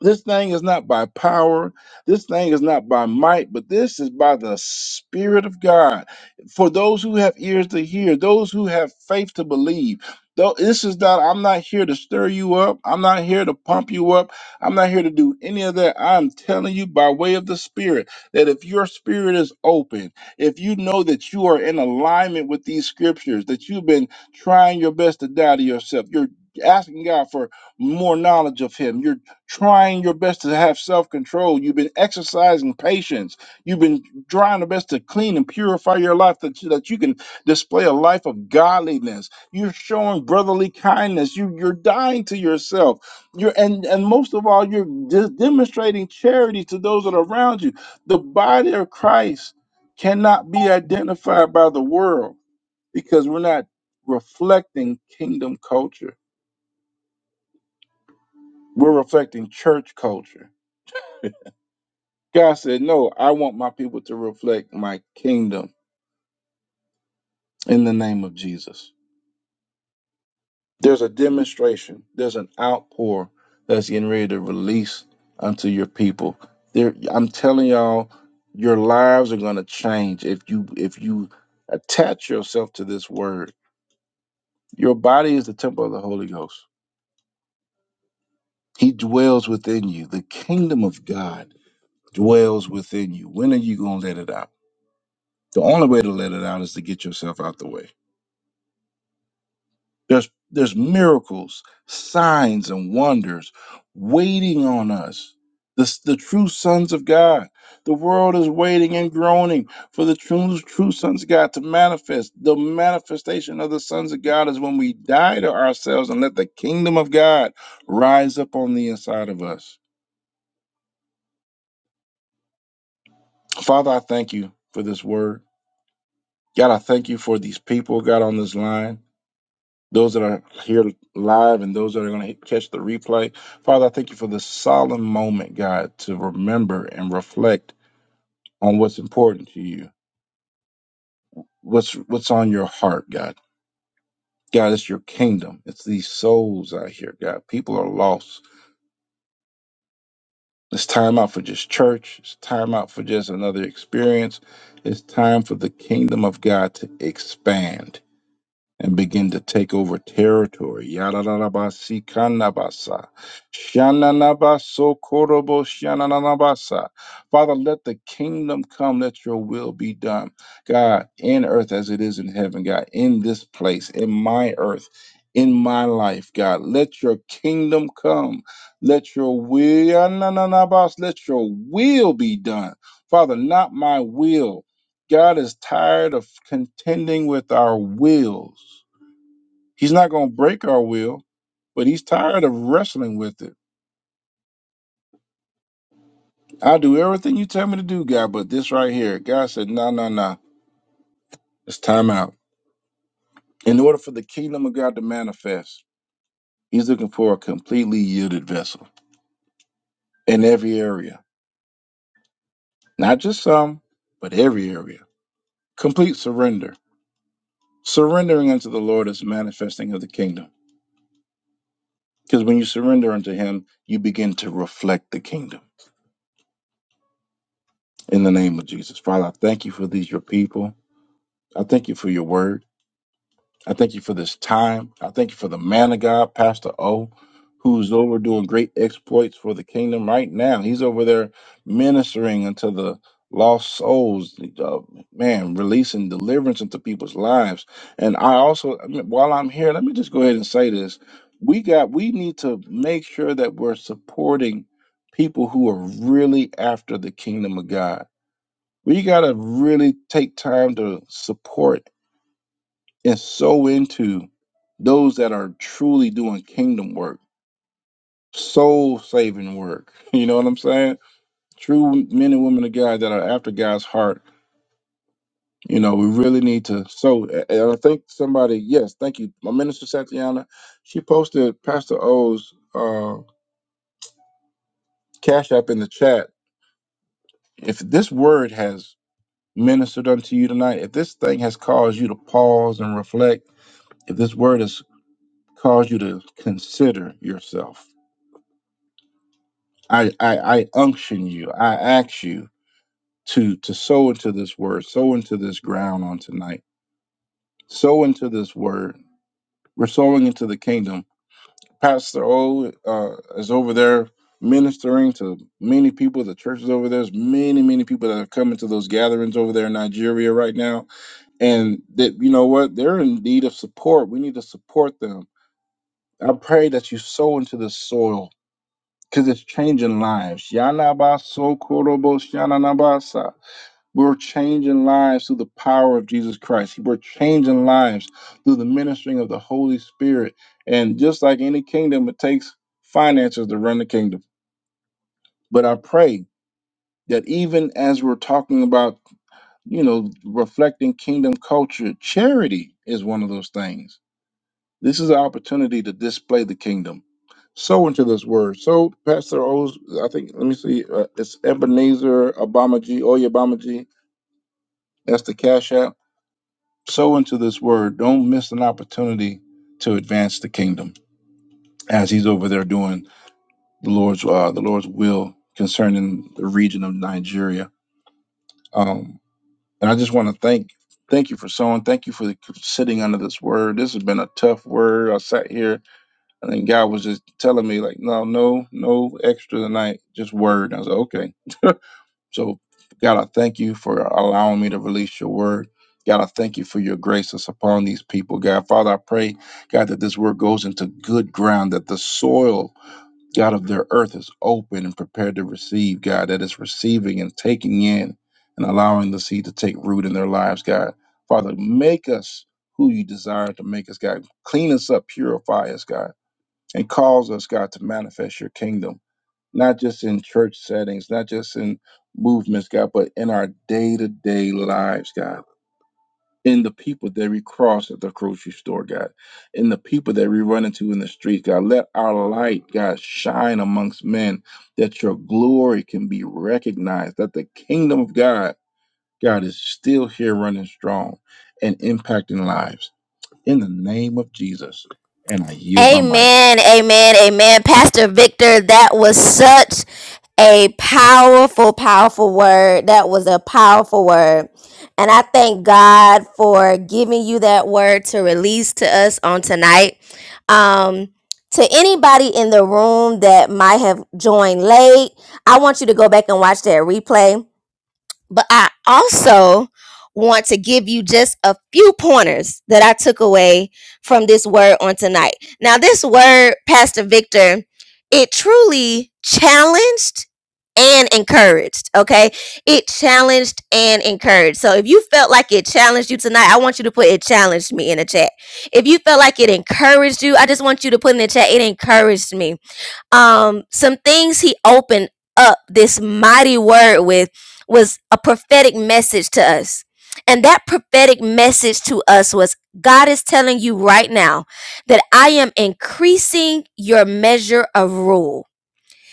S2: this thing is not by power. This thing is not by might, but this is by the Spirit of God. For those who have ears to hear, those who have faith to believe. Though this is not, I'm not here to stir you up. I'm not here to pump you up. I'm not here to do any of that. I'm telling you by way of the Spirit that if your spirit is open, if you know that you are in alignment with these scriptures, that you've been trying your best to die to yourself, you're asking God for more knowledge of Him. You're trying your best to have self control. You've been exercising patience. You've been trying the best to clean and purify your life that, so that you can display a life of godliness. You're showing brotherly kindness. You, you're dying to yourself. You're and and most of all, you're de- demonstrating charity to those that are around you. The body of Christ cannot be identified by the world because we're not reflecting kingdom culture. We're reflecting church culture God said, No, I want my people to reflect my kingdom in the name of Jesus. There's a demonstration, there's an outpour that's getting ready to release unto your people. There, I'm telling y'all, your lives are gonna change if you if you attach yourself to this word. Your body is the temple of the Holy Ghost. He dwells within you. The kingdom of God dwells within you. When are you gonna let it out? The only way to let it out is to get yourself out the way There's there's miracles, signs, and wonders waiting on us. The, the true sons of God. The world is waiting and groaning for the true, true sons of God to manifest. The manifestation of the sons of God is when we die to ourselves and let the kingdom of God rise up on the inside of us. Father, I thank you for this word. God, I thank you for these people, God, on this line. those that are here live and those that are going to catch the replay. Father, I thank you for this solemn moment, God, to remember and reflect on what's important to you, what's what's on your heart, God. God, it's your kingdom. It's these souls out here, God. People are lost. It's time out for just church. It's time out for just another experience. It's time for the kingdom of God to expand. and begin to take over territory. Yarararabasi kanabasa. Shananabaso korobo shananabasa. Father, let the kingdom come, let your will be done. God, in earth as it is in heaven, God, in this place, in my earth, in my life, God, let your kingdom come. Let your will, yanananabas, let your will be done. Father, not my will. God is tired of contending with our wills. He's not going to break our will, but he's tired of wrestling with it. I'll do everything you tell me to do, God, but this right here. God said, no, no, no. It's time out. In order for the kingdom of God to manifest, he's looking for a completely yielded vessel in every area, not just some, but every area. Complete surrender. Surrendering unto the Lord is manifesting of the kingdom. Because when you surrender unto him, you begin to reflect the kingdom. In the name of Jesus. Father, I thank you for these, your people. I thank you for your word. I thank you for this time. I thank you for the man of God, Pastor O, who's over doing great exploits for the kingdom right now. He's over there ministering unto the lost souls, uh, man, releasing deliverance into people's lives. And I also, I mean, while I'm here, let me just go ahead and say this. We got, we need to make sure that we're supporting people who are really after the kingdom of God. We got to really take time to support and sow into those that are truly doing kingdom work, soul saving work. You know what I'm saying? True men and women of God that are after God's heart. You know, we really need to sow. A- And I think somebody, yes, thank you. My minister Satiana, she posted Pastor O's uh, cash app in the chat. If this word has ministered unto you tonight, if this thing has caused you to pause and reflect, if this word has caused you to consider yourself, I, I, I unction you. I ask you to to sow into this word, sow into this ground on tonight, sow into this word. We're sowing into the kingdom. Pastor O uh, is over there ministering to many people. The church is over there. There's many, many people that have come into those gatherings over there in Nigeria right now. And that you know what? They're in need of support. We need to support them. I pray that you sow into the soil because it's changing lives. Yanaba so We're changing lives through the power of Jesus Christ. We're changing lives through the ministering of the Holy Spirit. And just like any kingdom, it takes finances to run the kingdom. But I pray that even as we're talking about, you know, reflecting kingdom culture, charity is one of those things. This is an opportunity to display the kingdom. So into this word. So, Pastor O's, I think, let me see, uh, it's Ebenezer Obama G, Oye Obama That's the Cash App Sow into this word. Don't miss an opportunity to advance the kingdom as he's over there doing the Lord's uh, the Lord's will concerning the region of Nigeria. Um, and I just want to thank thank you for sowing. Thank you for the, sitting under this word. This has been a tough word. I sat here and then God was just telling me like, no, no, no extra tonight, just word. And I was like, okay. So, God, I thank you for allowing me to release your word. God, I thank you for your grace that's upon these people. God, Father, I pray, God, that this word goes into good ground, that the soil, God, of their earth is open and prepared to receive, God, that it's receiving and taking in and allowing the seed to take root in their lives, God. Father, make us who you desire to make us, God. Clean us up, purify us, God, and cause us, God, to manifest your kingdom not just in church settings, not just in movements, God, but in our day to day lives, God. In the people that we cross at the grocery store, God. In the people that we run into in the street, God. Let our light, God, shine amongst men that your glory can be recognized, that the kingdom of God, God, is still here running strong and impacting lives. In the name of Jesus. And I yield my mic.
S1: Amen, amen, amen. Pastor Victor, that was such a powerful, powerful word. That was a powerful word. And I thank God for giving you that word to release to us on tonight. Um, to anybody in the room that might have joined late, I want you to go back and watch that replay but I also want to give you just a few pointers that I took away from this word on tonight. Now, this word, Pastor Victor, it truly challenged and encouraged, okay? It challenged and encouraged. So if you felt like it challenged you tonight, I want you to put it challenged me in the chat. If you felt like it encouraged you, I just want you to put in the chat, it encouraged me um some things he opened up this mighty word with was a prophetic message to us and that prophetic message to us was God is telling you right now that I am increasing your measure of rule.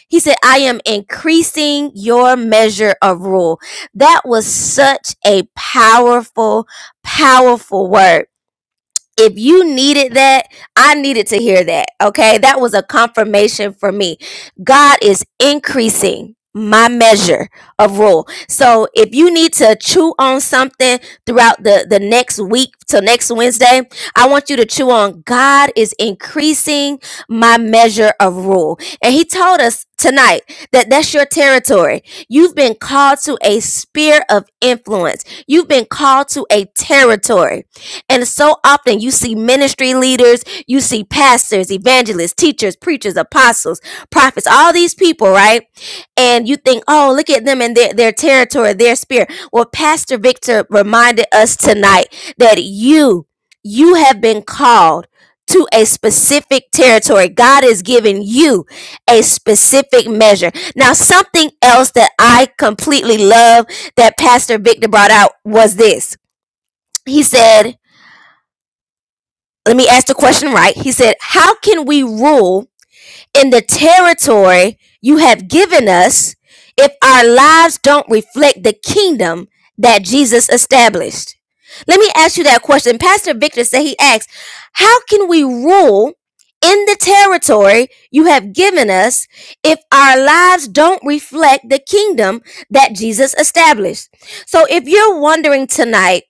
S1: He said, I am increasing your measure of rule. That was such a powerful, powerful word if you needed that, I needed to hear that. Okay. That was a confirmation for me. God is increasing my measure of rule. So if you need to own something throughout the, the next week till next Wednesday, I want you to chew on God is increasing my measure of rule. And he just tonight that that's your territory. You've been to a sphere of influence. You've been called to a territory. And so often leaders, you see pastors, evangelists, teachers, preachers, apostles, prophets, all these people, right? And you think, oh, look at them and their, their territory, their spirit. Well, Pastor Victor reminded us tonight that you, you have been called to a specific territory. God is giving you a specific measure. Now, something else that I completely love that Pastor Victor brought out was this. He said, let me ask the question right. He said, How can we rule in the territory you have given us if our lives don't reflect the kingdom that Jesus established? Let me ask you that question. Pastor Victor said he asked, How can we rule in the territory you have given us if our lives don't reflect the kingdom that Jesus established? So if you're wondering tonight,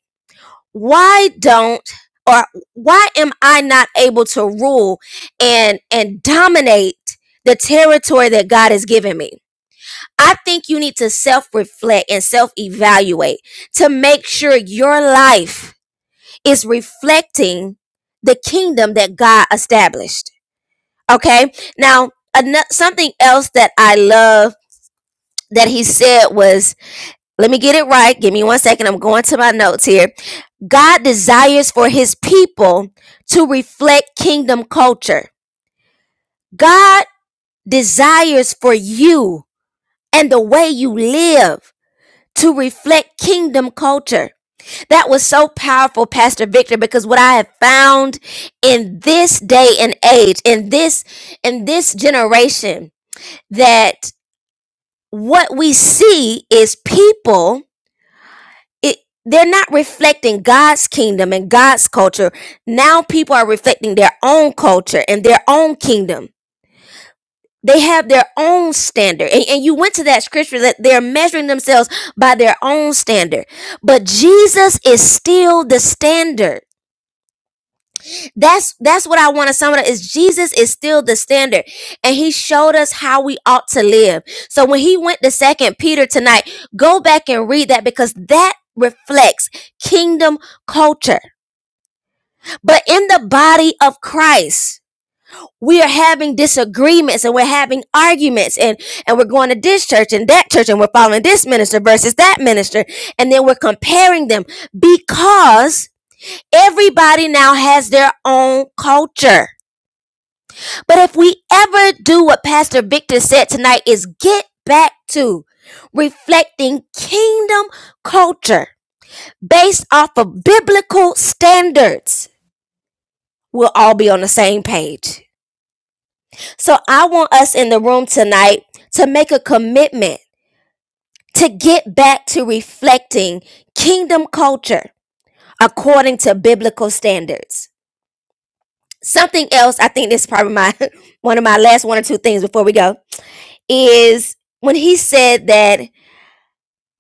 S1: why don't or why am I not able to rule and and dominate the territory that God has given me? I think you need to self-reflect and self-evaluate to make sure your life is reflecting the kingdom that God established. Okay? Now, ano- something else that I love that he said was, let me get it right. Give me one second. I'm going to my notes here God desires for his people to reflect kingdom culture. God desires for you and the way you live to reflect kingdom culture. That was so powerful, Pastor Victor, because what I have found in this day and age, in this in this generation, that what we see is people it they're not reflecting God's kingdom and God's culture. Now people are reflecting their own culture and their own kingdom. They have their own standard. And, and you went to that scripture that they're measuring themselves by their own standard. But Jesus is still the standard. That's that's what I want to sum it up is Jesus is still the standard. And he showed us how we ought to live. So when he went to second Peter tonight, go back and read that because that reflects kingdom culture. But in the body of Christ, we are having disagreements and we're having arguments and, and we're going to this church and that church and we're following this minister versus that minister. And then we're comparing them because everybody now has their own culture. But if we ever do what Pastor Victor said tonight is get back to reflecting kingdom culture based off of biblical standards, we'll all be on the same page So I want us in the room tonight to make a commitment to get back to reflecting kingdom culture according to biblical standards. Something else, I think this is probably my one of my last one or two things before we go, is when he said that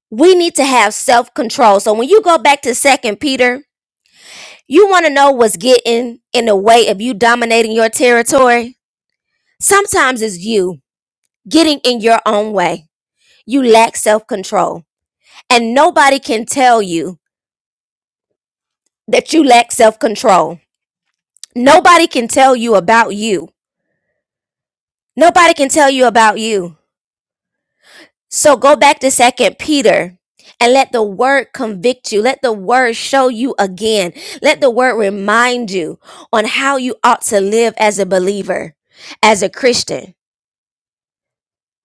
S1: we need to have self-control. So when you go back to second Peter, you want to know what's getting in the way of you dominating your territory. Sometimes it's you getting in your own way. You lack self-control And nobody can tell you that you lack self control. Nobody can tell you about you. Nobody can tell you about you. So go back to Second Peter and let the word convict you. Let the word show you again. Let the word remind you on how you ought to live as a believer, as a Christian.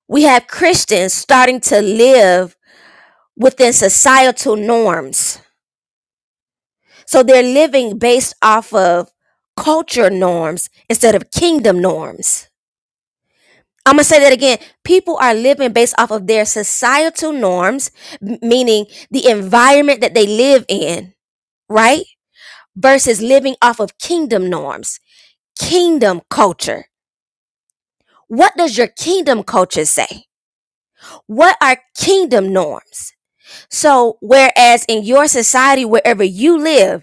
S1: We have Christians starting to live within societal norms So they're living based off of culture norms instead of kingdom norms. I'm going to say that again. People are living based off of their societal norms, m- meaning the environment that they live in, right? Versus living off of kingdom norms, kingdom culture. What does your kingdom culture say? What are kingdom norms? So, whereas in your society, wherever you live,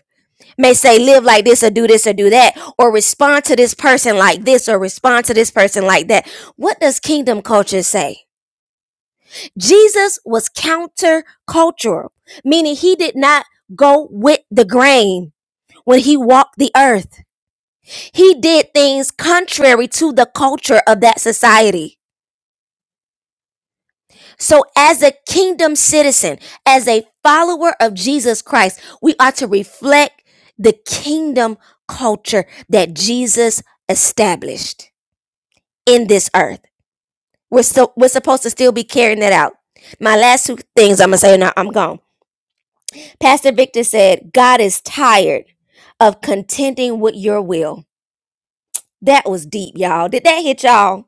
S1: may say live like this or do this or do that or respond to this person like this or respond to this person like that. What does kingdom culture say? Jesus was countercultural, meaning he did not go with the grain when he walked the earth. He did things contrary to the culture of that society. So, as a kingdom citizen, as a follower of Jesus Christ, we are to reflect the kingdom culture that Jesus established in this earth. We're still we're supposed to still be carrying that out. My last two things I'm gonna say, and I'm gone. Pastor Victor said, "God is tired of contending with your will." That was deep, y'all. Did that hit y'all?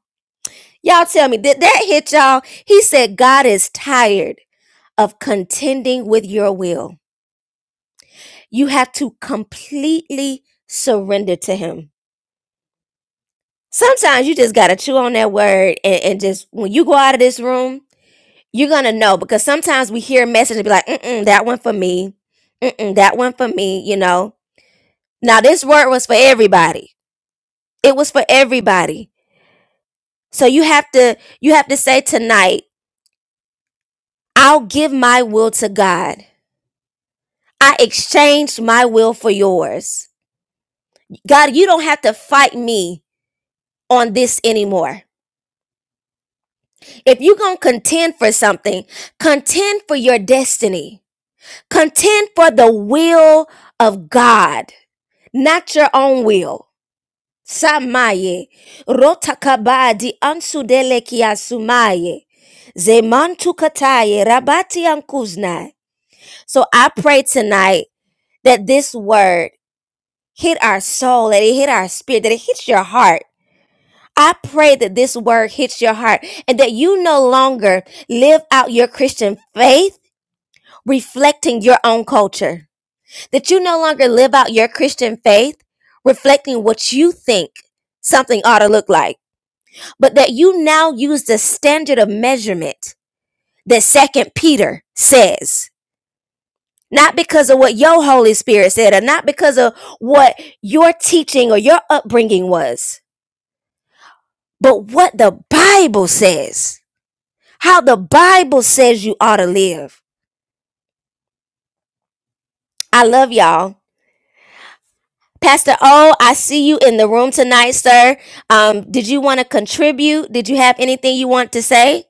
S1: Y'all tell me, did that hit y'all? He said, "God is tired of contending with your will." You have to completely surrender to Him. Sometimes you just got to chew on that word and, and just, when you go out of this room, you're going to know because sometimes we hear a message and be like, mm-mm, that one for me. Mm-mm, that one for me, you know. Now, this word was for everybody. It was for everybody. So you have to you have to say tonight, I'll give my will to God. I exchanged my will for yours. God, you don't have to fight me on this anymore. If you're going to contend for something, contend for your destiny. Contend for the will of God, not your own will. Samaye, rotakabadi ansudelekia sumaye, zemantukataye, rabati ankuznai. So I pray tonight that this word hit our soul, that it hit our spirit, that it hits your heart. I pray that this word hits your heart and that you no longer live out your Christian faith reflecting your own culture. That you no longer live out your Christian faith, reflecting what you think something ought to look like, but that you now use the standard of measurement that Second Peter says. Not because of what your Holy Spirit said, or not because of what your teaching or your upbringing was, but what the Bible says, how the Bible says you ought to live. I love y'all. Pastor O, I see you in the room tonight, sir. Um, did you want to contribute? Did you have anything you want to say?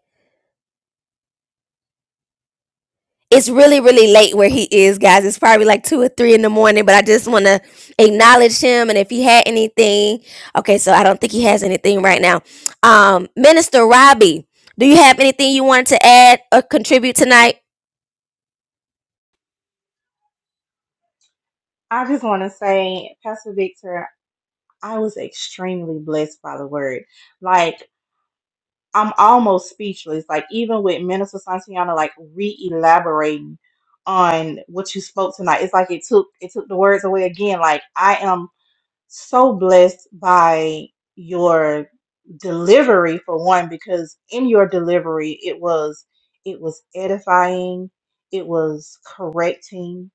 S1: It's really, really late where he is, guys. It's probably like two or three in the morning, but I just want to acknowledge him. And if he had anything, okay, so I don't think he has anything right now. Um, Minister Robbie, do you have anything you want to add or contribute tonight?
S3: I just want to say, Pastor Victor, I was extremely blessed by the word. Like, I'm almost speechless. Like, even with Minister Santiana, like re-elaborating on what you spoke tonight, it's like it took it took the words away again. Like, I am so blessed by your delivery for one because in your delivery it was it was edifying it was correcting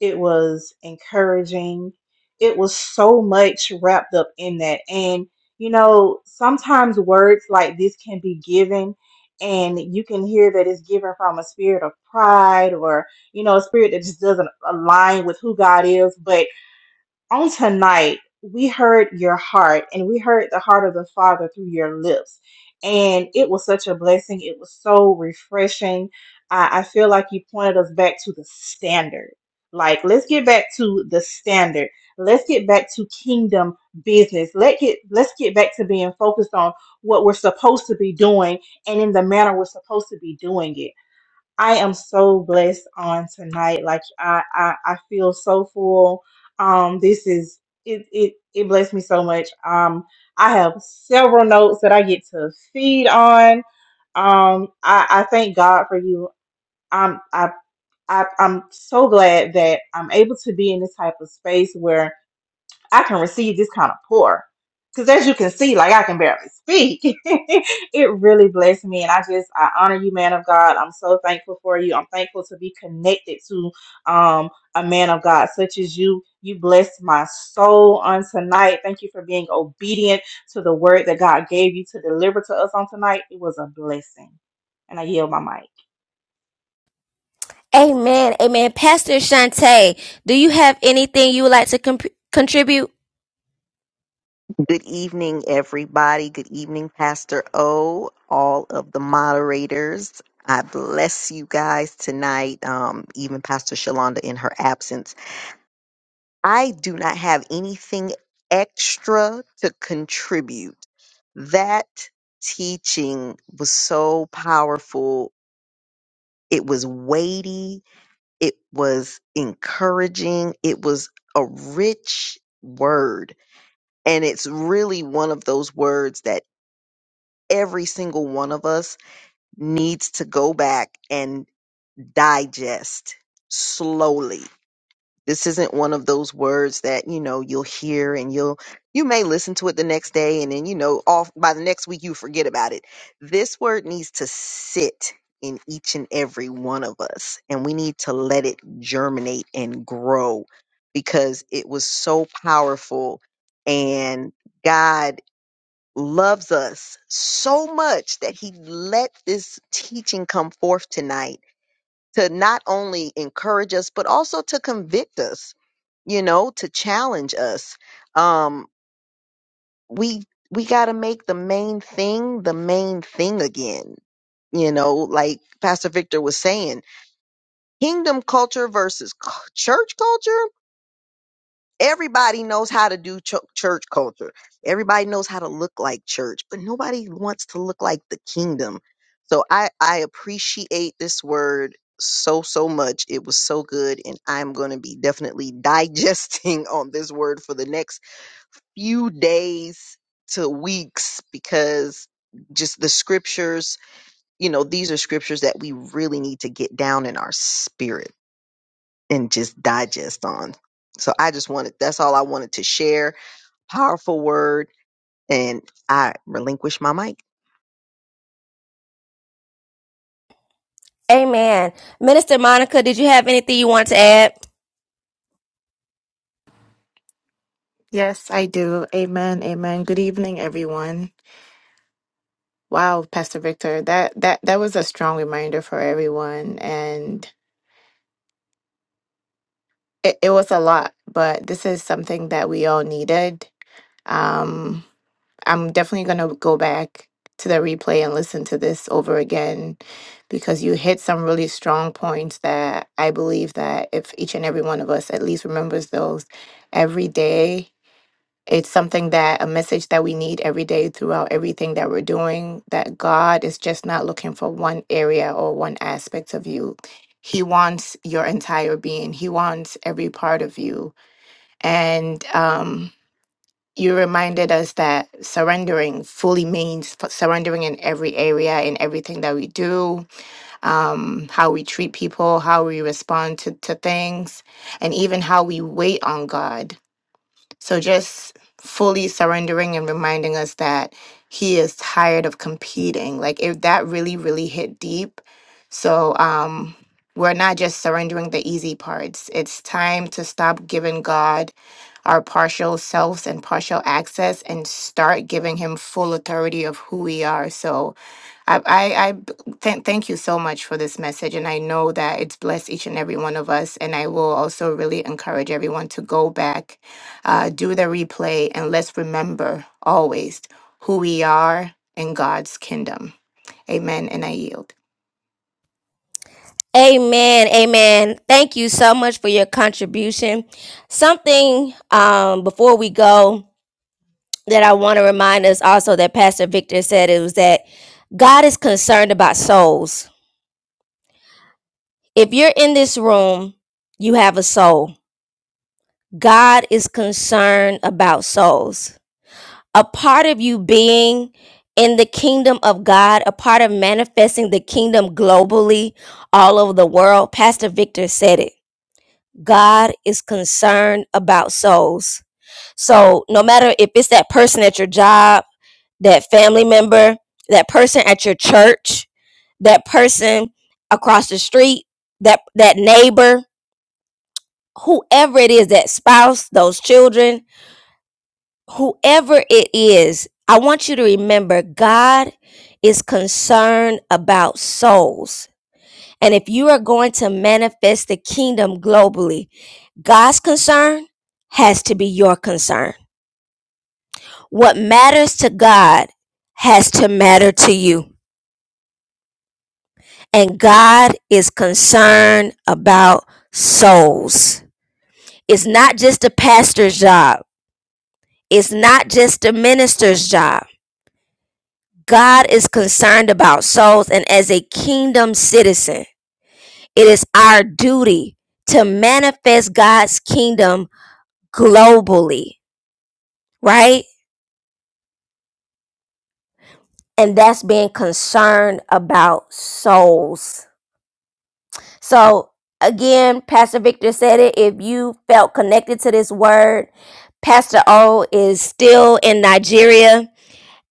S3: it was encouraging it was so much wrapped up in that and you know sometimes words like this can be given and you can hear that it's given from a spirit of pride or you know a spirit that just doesn't align with who god is but on tonight, we heard your heart and we heard the heart of the Father through your lips. And it was such a blessing. It was so refreshing. I, I feel like you pointed us back to the standard. Like, let's get back to the standard. Let's get back to kingdom business. Let get let's get back to being focused on what we're supposed to be doing and in the manner we're supposed to be doing it I am so blessed on tonight. Like I, I, I feel so full. Um, this is it, it. It blessed me so much. Um, I have several notes that I get to feed on. Um, I, I thank God for you. Um, I, I, I'm so glad that I'm able to be in this type of space where. I can receive this kind of pour. Because as you can see, like I can barely speak. it really blessed me. And I just, I honor you, man of God. I'm so thankful for you. I'm thankful to be connected to um, a man of God such as you. You blessed my soul on tonight. Thank you for being obedient to the word that God gave you to deliver to us on tonight. It was a blessing. And I yield my mic.
S1: Amen. Amen. Pastor Shantae, do you have anything you would like to comp- contribute?
S4: Good evening, everybody. Good evening, Pastor O, all of the moderators. I bless you guys tonight, um, even Pastor Shalonda in her absence. I do not have anything extra to contribute. That teaching was so powerful. It was weighty, it was encouraging, it was a rich word. And it's really one of those words that every single one of us needs to go back and digest slowly. This isn't one of those words that, you know, you'll hear and you'll, you may listen to it the next day and then, you know, off by the next week you forget about it. This word needs to sit in each and every one of us and we need to let it germinate and grow because it was so powerful and God loves us so much that he let this teaching come forth tonight to not only encourage us, but also to convict us, you know, to challenge us. Um, we, we got to make the main thing the main thing again. You know, like Pastor Victor was saying, kingdom culture versus cu- church culture. Everybody knows how to do chu- church culture. Everybody knows how to look like church, but nobody wants to look like the kingdom. So I I appreciate this word so so much. It was so good and I'm going to be definitely digesting on this word for the next few days to weeks because just the scriptures, you know, these are scriptures that we really need to get down in our spirit and just digest on. So I just wanted that's all I wanted to share Powerful word. And I relinquish my mic.
S1: Amen. Minister Monica, did you have anything you wanted to add?
S5: Yes, I do. Amen. Amen. Good evening, everyone. Wow, Pastor Victor, that that that was a strong reminder for everyone, and it, it was a lot, but this is something that we all needed. Um, I'm definitely gonna go back to the replay and listen to this over again because you hit some really strong points that I believe that if each and every one of us at least remembers those every day It's something that a message that we need every day throughout everything that we're doing, that God is just not looking for one area or one aspect of you. He wants your entire being, He wants every part of you. And um, you reminded us that surrendering fully means f- surrendering in every area, in everything that we do, um, how we treat people, how we respond to, to things, and even how we wait on God so just fully surrendering and reminding us that he is tired of competing. Like if that really, really hit deep. So um we're not just surrendering the easy parts. It's time to stop giving God our partial selves and partial access and start giving him full authority of who we are. So I, I, I b- thank thank you so much for this message. And I know that it's blessed each and every one of us. And I will also really encourage everyone to go back, uh, do the replay, and let's remember always who we are in God's kingdom. Amen. And I yield.
S1: Amen. Amen. Thank you so much for your contribution. Something um, before we go that I want to remind us also that Pastor Victor said it was that God is concerned about souls. If you're in this room, you have a soul. God is concerned about souls. a part of you being in the kingdom of God, a part of manifesting the kingdom globally all over the world. Pastor Victor said it. God is concerned about souls. So, no matter if it's that person at your job, that family member, that person at your church, that person across the street, that that neighbor, whoever it is, that spouse, those children, whoever it is, I want you to remember God is concerned about souls. And if you are going to manifest the kingdom globally, God's concern has to be your concern. What matters to God has to matter to you. And God is concerned about souls. It's not just a pastor's job. It's not just a minister's job. God is concerned about souls, and as a kingdom citizen, it is our duty to manifest God's kingdom globally, right? And that's being concerned about souls. So, again, Pastor Victor said it. If you felt connected to this word, Pastor O is still in Nigeria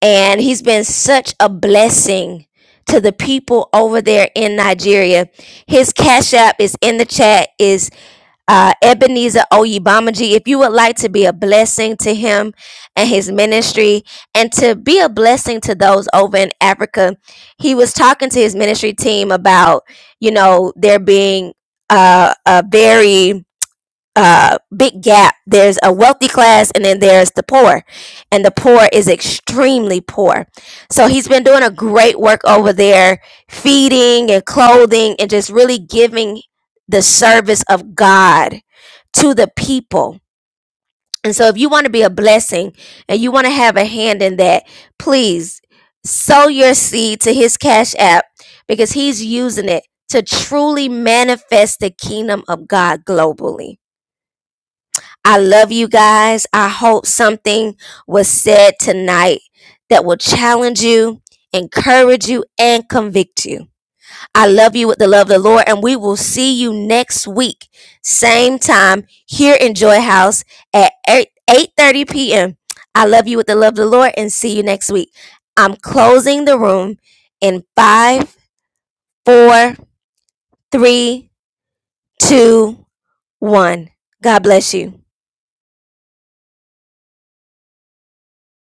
S1: and he's been such a blessing to the people over there in Nigeria. His cash app is in the chat is uh, Ebenezer Oyibamaji. If you would like to be a blessing to him and his ministry, and to be a blessing to those over in Africa, he was talking to his ministry team about you know there being uh, a very uh, big gap. There's a wealthy class and then there's the poor. And the poor is extremely poor. So he's been doing a great work over there, feeding and clothing and just really giving the service of God to the people. And so if you want to be a blessing and you want to have a hand in that, please sow your seed to his cash app because he's using it to truly manifest the kingdom of God globally. I love you guys. I hope something was said tonight that will challenge you, encourage you, and convict you. I love you with the love of the Lord, and we will see you next week, same time here in Joy House at 8 30 p.m. I love you with the love of the Lord, and see you next week. I'm closing the room in five, four, three, two, one. God bless you.